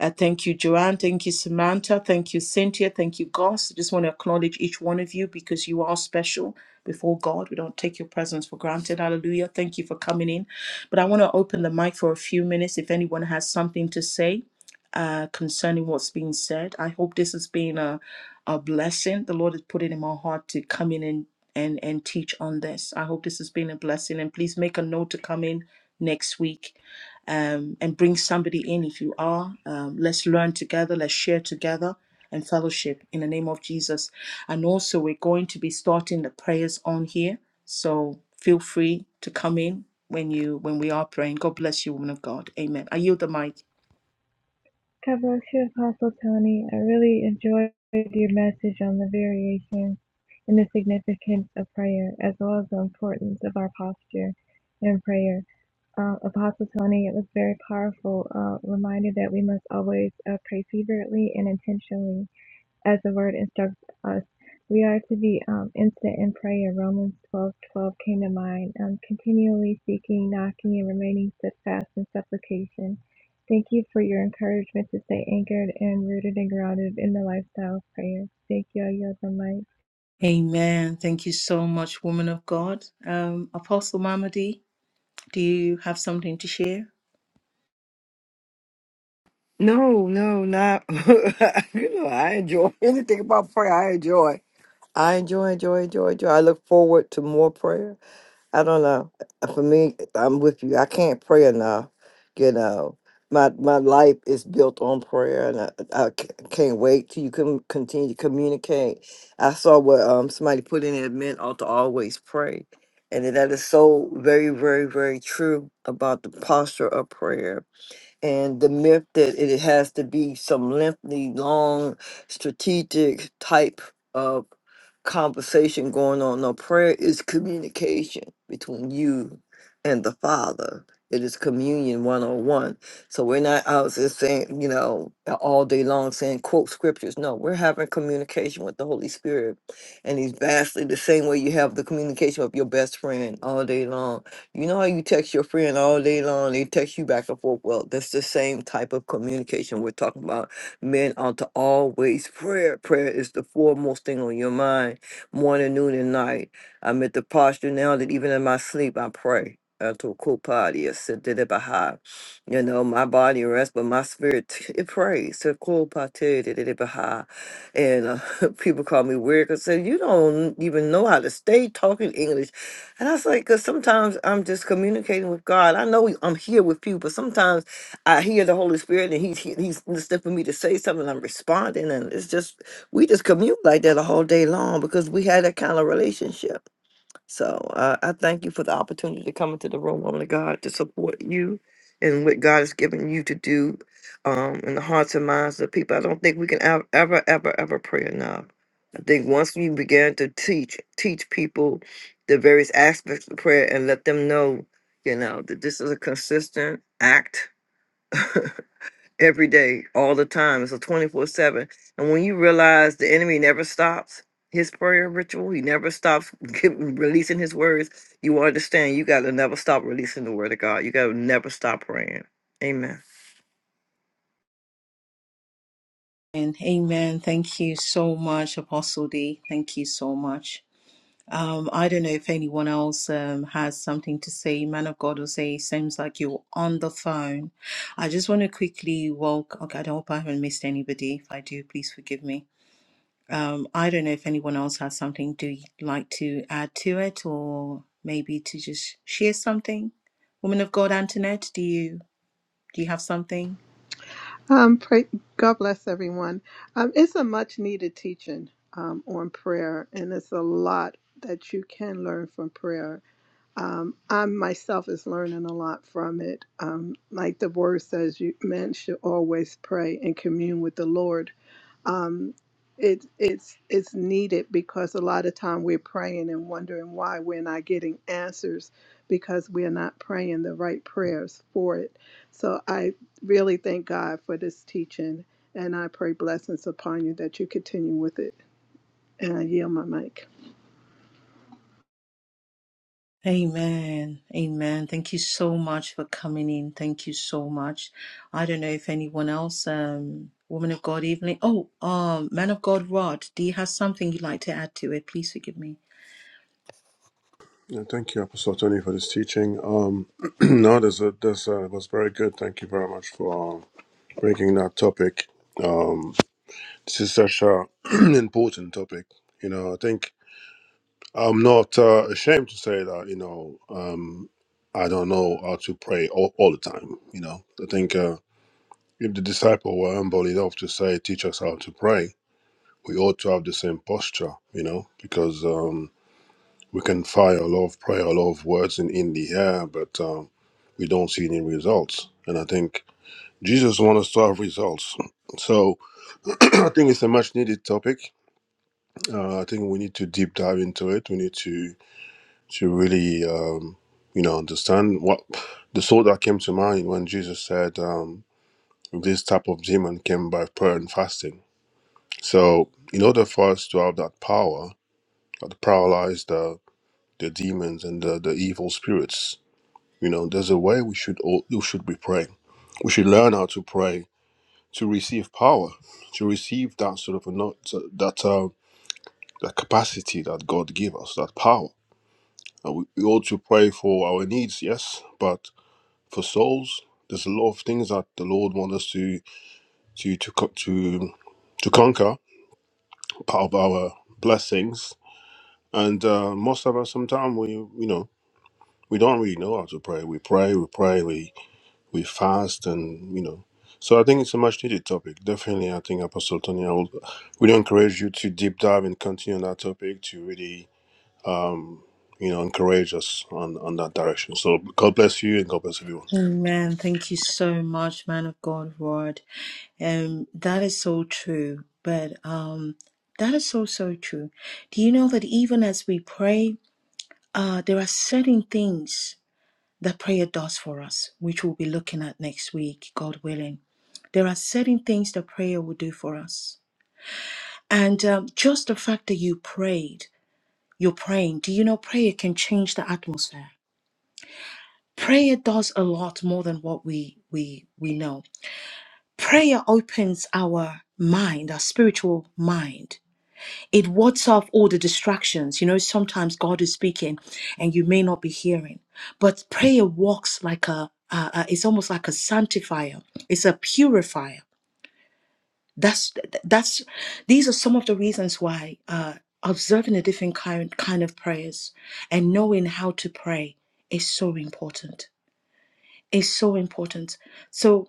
Speaker 1: Uh, thank you, Joanne. Thank you, Samantha. Thank you, Cynthia. Thank you, Goss. I just want to acknowledge each one of you because you are special before God. We don't take your presence for granted. Hallelujah. Thank you for coming in. But I want to open the mic for a few minutes if anyone has something to say uh, concerning what's being said. I hope this has been a, a blessing. The Lord has put it in my heart to come in and, and, and teach on this. I hope this has been a blessing. And please make a note to come in next week um, and bring somebody in if you are. Um, let's learn together, let's share together and fellowship in the name of Jesus. And also, we're going to be starting the prayers on here, so feel free to come in when you when we are praying. God bless you, woman of God. Amen. I yield the mic.
Speaker 5: God bless you, Apostle Tony. I really enjoyed your message on the variations and the significance of prayer, as well as the importance of our posture in prayer. Uh, Apostle Tony, it was very powerful uh, reminder that we must always uh, pray fervently and intentionally as the word instructs us. We are to be um, instant in prayer. Romans twelve twelve came to mind. Um, continually seeking, knocking, and remaining steadfast in supplication. Thank you for your encouragement to stay anchored and rooted and grounded in the lifestyle of prayer. Thank you, I yield the mic.
Speaker 1: Amen. Thank you so much, woman of God. Um, Apostle Mamadi, do you have something to share?
Speaker 2: no, no, not. you know, I enjoy anything about prayer. I enjoy. I enjoy, enjoy, enjoy, enjoy. I look forward to more prayer. I don't know. For me, I'm with you. I can't pray enough. You know, my my life is built on prayer, and I, I c- can't wait till you can continue to communicate. I saw what um somebody put in it meant ought to always pray, and that is so very very very true about the posture of prayer and the myth that it has to be some lengthy, long, strategic type of conversation going on. No, prayer is communication between you and the Father. It is communion 101. So we're not out there saying, you know, all day long saying quote scriptures. No, we're having communication with the Holy Spirit. And he's vastly the same way you have the communication of your best friend all day long you know how you text your friend all day long, they text you back and forth. Well, that's the same type of communication we're talking about. Men ought to always prayer. Prayer is the foremost thing on your mind, morning, noon, and night. I'm at the posture now that even in my sleep I pray. Unto Kopadi, you know, my body rests, but my spirit it prays. So Kopadi, and uh, people call me weird because say you don't even know how to stay talking English and I was like, because sometimes I'm just communicating with God. I know I'm here with you, but sometimes I hear the Holy Spirit and He's He's He's listening for me to say something. I'm responding, and it's just we just commute like that a whole day long because we had that kind of relationship. So uh, I thank you for the opportunity to come into the room, woman of God, to support you and what God has given you to do um, in the hearts and minds of people. I don't think we can ev- ever, ever, ever pray enough. I think once we begin to teach, teach people the various aspects of prayer and let them know, you know, that this is a consistent act every day, all the time. It's a 24 7. And when you realize the enemy never stops his prayer ritual, he never stops gi- releasing his words, you understand you got to never stop releasing the word of God. You got to never stop praying. Amen.
Speaker 1: And amen. Thank you so much, Apostle D. Thank you so much. Um, I don't know if anyone else um, has something to say. Man of God will say, seems like you're on the phone. I just want to quickly walk. Okay, I hope I haven't missed anybody. If I do, please forgive me. Um, I don't know if anyone else has something Do you like to add to it, or maybe to just share something. Woman of God, Antoinette, do you do you have something?
Speaker 3: Um, pray, God bless everyone. Um, it's a much needed teaching um, on prayer, and it's a lot that you can learn from prayer. um, I myself is learning a lot from it. Um, like the word says, you men should always pray and commune with the Lord. Um, it, it's it's needed because a lot of time we're praying and wondering why we're not getting answers because we're not praying the right prayers for it. So I really thank God for this teaching, and I pray blessings upon you that you continue with it. And I yield my mic.
Speaker 1: Amen. Amen. Thank you so much for coming in. Thank you so much. I don't know if anyone else, um, woman of God, Evelyn. Oh, um, man of God, Rod, do you have something you'd like to add to it? Please forgive me.
Speaker 4: Yeah, thank you, Apostle Tony, for this teaching. Um, no, this, uh, this uh, was very good. Thank you very much for uh, breaking that topic. Um, this is such a important topic. You know, I think I'm not uh, ashamed to say that, you know, um, I don't know how to pray all, all the time. You know, I think uh, if the disciple were humble enough to say, teach us how to pray, we ought to have the same posture, you know, because um, we can fire a lot of prayer, a lot of words in, in the air, but um, we don't see any results. And I think Jesus wants us to have results. So I think it's a much needed topic. Uh, I think we need to deep dive into it. We need to to really, um, you know, understand what the thought that came to mind when Jesus said um, this type of demon came by prayer and fasting. So, in order for us to have that power, to paralyze the the demons and the, the evil spirits, you know, there's a way we should all we should be praying. We should learn how to pray to receive power, to receive that sort of a not that uh, that capacity that God gave us, that power. And we, we ought to pray for our needs, yes, but for souls. There's a lot of things that the Lord wants us to to to co- to to conquer, part of our blessings. And uh, most of us, sometimes we you know we don't really know how to pray. We pray, we pray, we we fast, and you know. So I think it's a much needed topic. Definitely, I think Apostle Tony, I would really encourage you to deep dive and continue on that topic to really you know encourage us on on that direction. So God bless you and God bless everyone.
Speaker 1: Amen. Thank you so much, man of God, Rod. Um, that is so true. But um, that is so, so true. Do you know that even as we pray, uh, there are certain things that prayer does for us, which we'll be looking at next week, God willing. There are certain things that prayer will do for us. And um, just the fact that you prayed, you're praying, do you know prayer can change the atmosphere? Prayer does a lot more than what we we we know. Prayer opens our mind, our spiritual mind It wards off all the distractions. You know, sometimes God is speaking and you may not be hearing, but prayer walks like a, uh, uh, it's almost like a sanctifier, it's a purifier. That's, that's, these are some of the reasons why uh, observing a different kind, kind of prayers and knowing how to pray is so important. Is so important. So,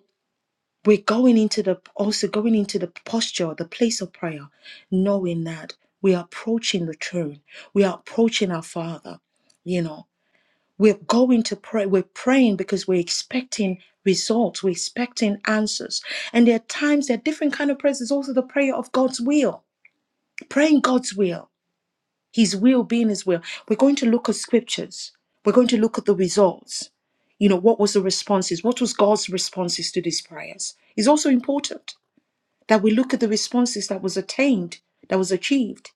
Speaker 1: we're going into the also going into the posture the place of prayer knowing that we are approaching the throne we are approaching our father you know we're going to pray we're praying because we're expecting results we're expecting answers and there are times there are different kind of prayers there's also the prayer of god's will praying god's will his will being his will we're going to look at scriptures we're going to look at the results you know what was the responses what was god's responses to these prayers is also important that we look at the responses that was attained, that was achieved,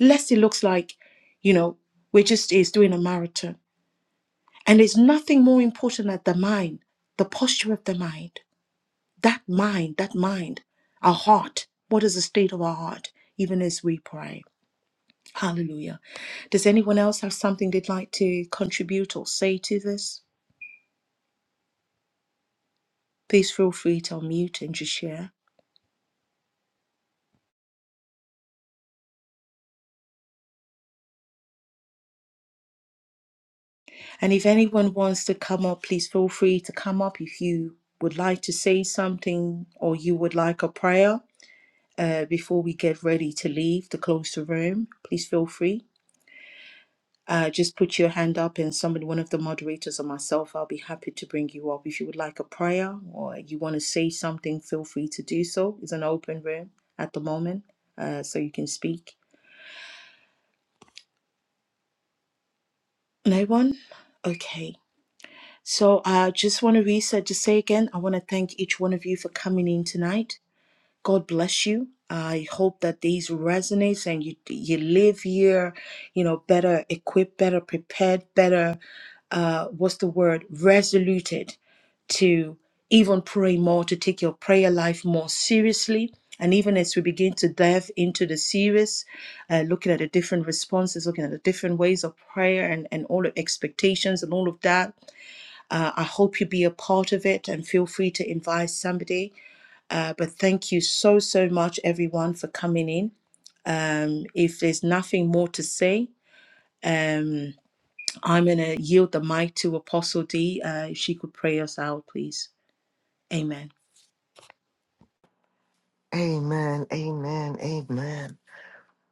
Speaker 1: lest it looks like, you know, we're just is doing a marathon. And there's nothing more important than the mind, the posture of the mind. That mind, that mind, our heart. What is the state of our heart, even as we pray? Hallelujah. Does anyone else have something they'd like to contribute or say to this? Please feel free to unmute and just share. And if anyone wants to come up, please feel free to come up if you would like to say something or you would like a prayer uh, before we get ready to leave to close the room. Please feel free. Uh, just put your hand up, and somebody, one of the moderators or myself, I'll be happy to bring you up. If you would like a prayer or you want to say something, feel free to do so. It's an open room at the moment, uh, so you can speak. No one? Okay. So I just want to reset to say again, I want to thank each one of you for coming in tonight. God bless you. I hope that these resonates and you you live here, you know, better equipped, better prepared, better uh what's the word? Resoluted to even pray more, to take your prayer life more seriously. And even as we begin to dive into the series, uh, looking at the different responses, looking at the different ways of prayer and, and all the expectations and all of that, uh, I hope you be a part of it and feel free to invite somebody. Uh, but thank you so, so much, everyone, for coming in. Um, if there's nothing more to say, um, I'm going to yield the mic to Apostle D. Uh, if she could pray us out, please. Amen.
Speaker 2: Amen. Amen. Amen.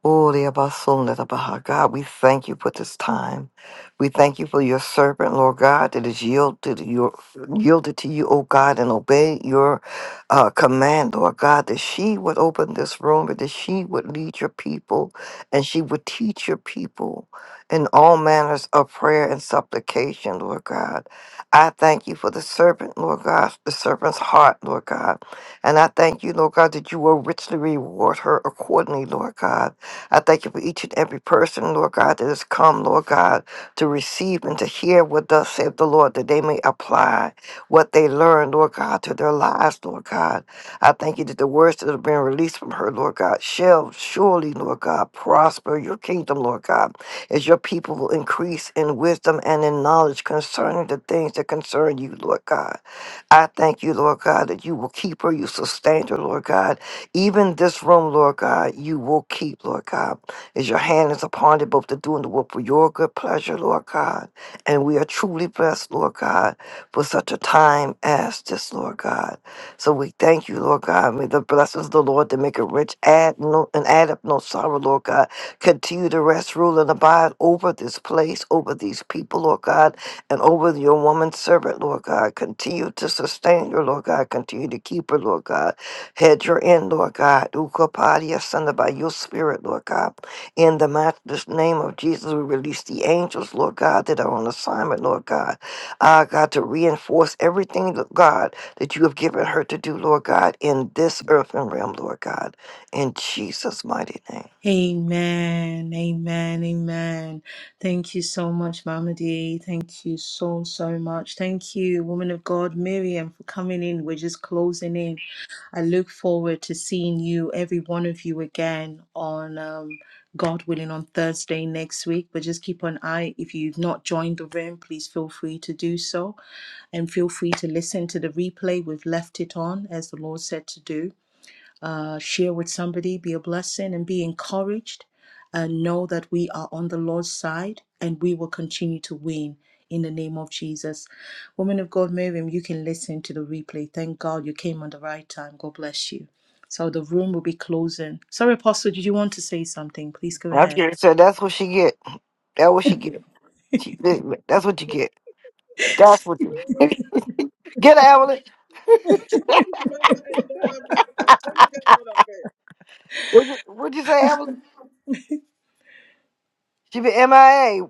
Speaker 2: Oh, dear, about soul, let up our God, we thank you for this time. We thank you for your servant, Lord God, that is yielded to your yielded to you, oh God, and obey your uh, command, Lord God, that she would open this room and that she would lead your people and she would teach your people in all manners of prayer and supplication, Lord God. I thank you for the servant, Lord God, the servant's heart, Lord God. And I thank you, Lord God, that you will richly reward her accordingly, Lord God. I thank you for each and every person, Lord God, that has come, Lord God, to receive and to hear what thus saith the Lord, that they may apply what they learn, Lord God, to their lives, Lord God. I thank you that the words that have been released from her, Lord God, shall surely, Lord God, prosper your kingdom, Lord God, as your people will increase in wisdom and in knowledge concerning the things that concern you, Lord God. I thank you, Lord God, that you will keep her, you sustain her, Lord God. Even this room, Lord God, you will keep, Lord God, as your hand is upon it, both to do and the work for your good pleasure, Lord God. And we are truly blessed, Lord God, for such a time as this, Lord God. So we thank you, Lord God. May the blessings of the Lord to make it rich, add no and add up no sorrow, Lord God. Continue to rest, rule, and abide over this place, over these people, Lord God and over your woman servant, Lord God. Continue to sustain her, Lord God. Continue to keep her, Lord God. Head your end, Lord God. Ukapadia, send by your spirit, Lord God. In the matchless name of Jesus, we release the angels, Lord God, that are on assignment, Lord God. Ah, God, to reinforce everything, Lord God, that you have given her to do, Lord God, in this earthen realm, Lord God. In Jesus' mighty name.
Speaker 1: Amen, amen, amen. Thank you so much, Mama D. Thank you so, so much. Thank you, woman of God, Miriam, for coming in. We're just closing in. I look forward to seeing you, every one of you, again on um, God willing on Thursday next week. But just keep an eye. If you've not joined the room, please feel free to do so. And feel free to listen to the replay. We've left it on as the Lord said to do uh, share with somebody, be a blessing, and be encouraged. And know that we are on the Lord's side and we will continue to win in the name of Jesus. Woman of God, Miriam, you can listen to the replay. Thank God you came on the right time. God bless you. So the room will be closing. Sorry, Apostle, did you want to say something? Please go
Speaker 2: I
Speaker 1: ahead.
Speaker 2: said that's what she get. That's what she get. She, that's what you get. That's what Get her, Evelyn.
Speaker 6: is mother and daughter business. Let me get out of it.
Speaker 2: What'd you, what'd you say, Evelyn? She be MIA.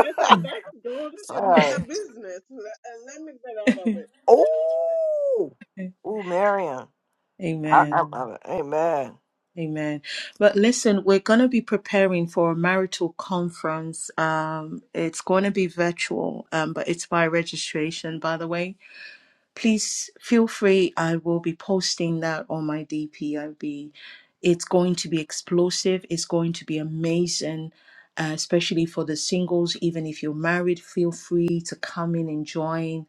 Speaker 6: I said, that's daughter and
Speaker 2: Sorry.
Speaker 6: mother business. And let me get out of it.
Speaker 2: Ooh. Ooh, Marion. I, I,
Speaker 1: Amen.
Speaker 2: Mm. I, amen.
Speaker 1: Amen. But listen, we're going to be preparing for a marital conference. Um, it's going to be virtual, um, but it's by registration, by the way. please feel free. I will be posting that on my DP. I'll be, it's going to be explosive. It's going to be amazing, uh, especially for the singles. Even if you're married, feel free to come in and join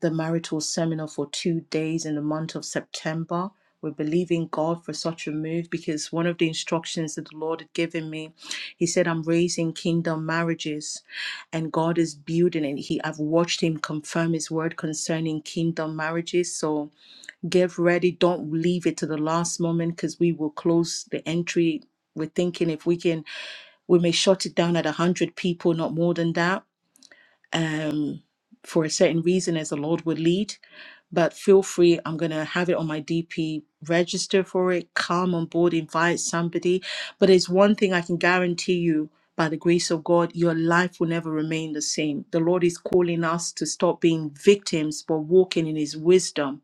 Speaker 1: the marital seminar for two days in the month of September. We're believing God for such a move because one of the instructions that the Lord had given me, He said, I'm raising kingdom marriages and God is building it. He I've watched Him confirm His word concerning kingdom marriages. So get ready. Don't leave it to the last moment because we will close the entry. We're thinking if we can we may shut it down at 100 people, not more than that um, for a certain reason as the Lord would lead. But feel free, I'm going to have it on my DP. Register for it, come on board, invite somebody. But it's one thing I can guarantee you by the grace of God, your life will never remain the same. The Lord is calling us to stop being victims, but walking in His wisdom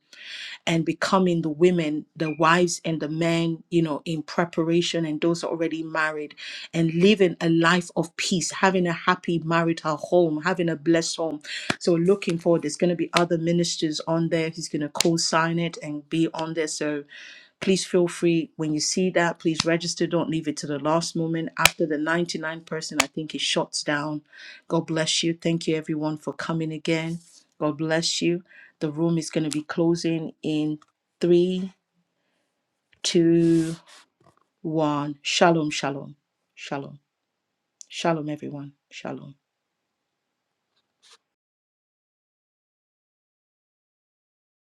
Speaker 1: and becoming the women, the wives and the men, you know, in preparation and those already married and living a life of peace, having a happy marital home, having a blessed home. So looking forward, there's going to be other ministers on there who's going to co-sign it and be on there. So please feel free when you see that, please register. Don't leave it to the last moment. After the 99 person, I think it shuts down. God bless you. Thank you everyone for coming again. God bless you. The room is going to be closing in three, two, one. Shalom, shalom, shalom, shalom, everyone. Shalom.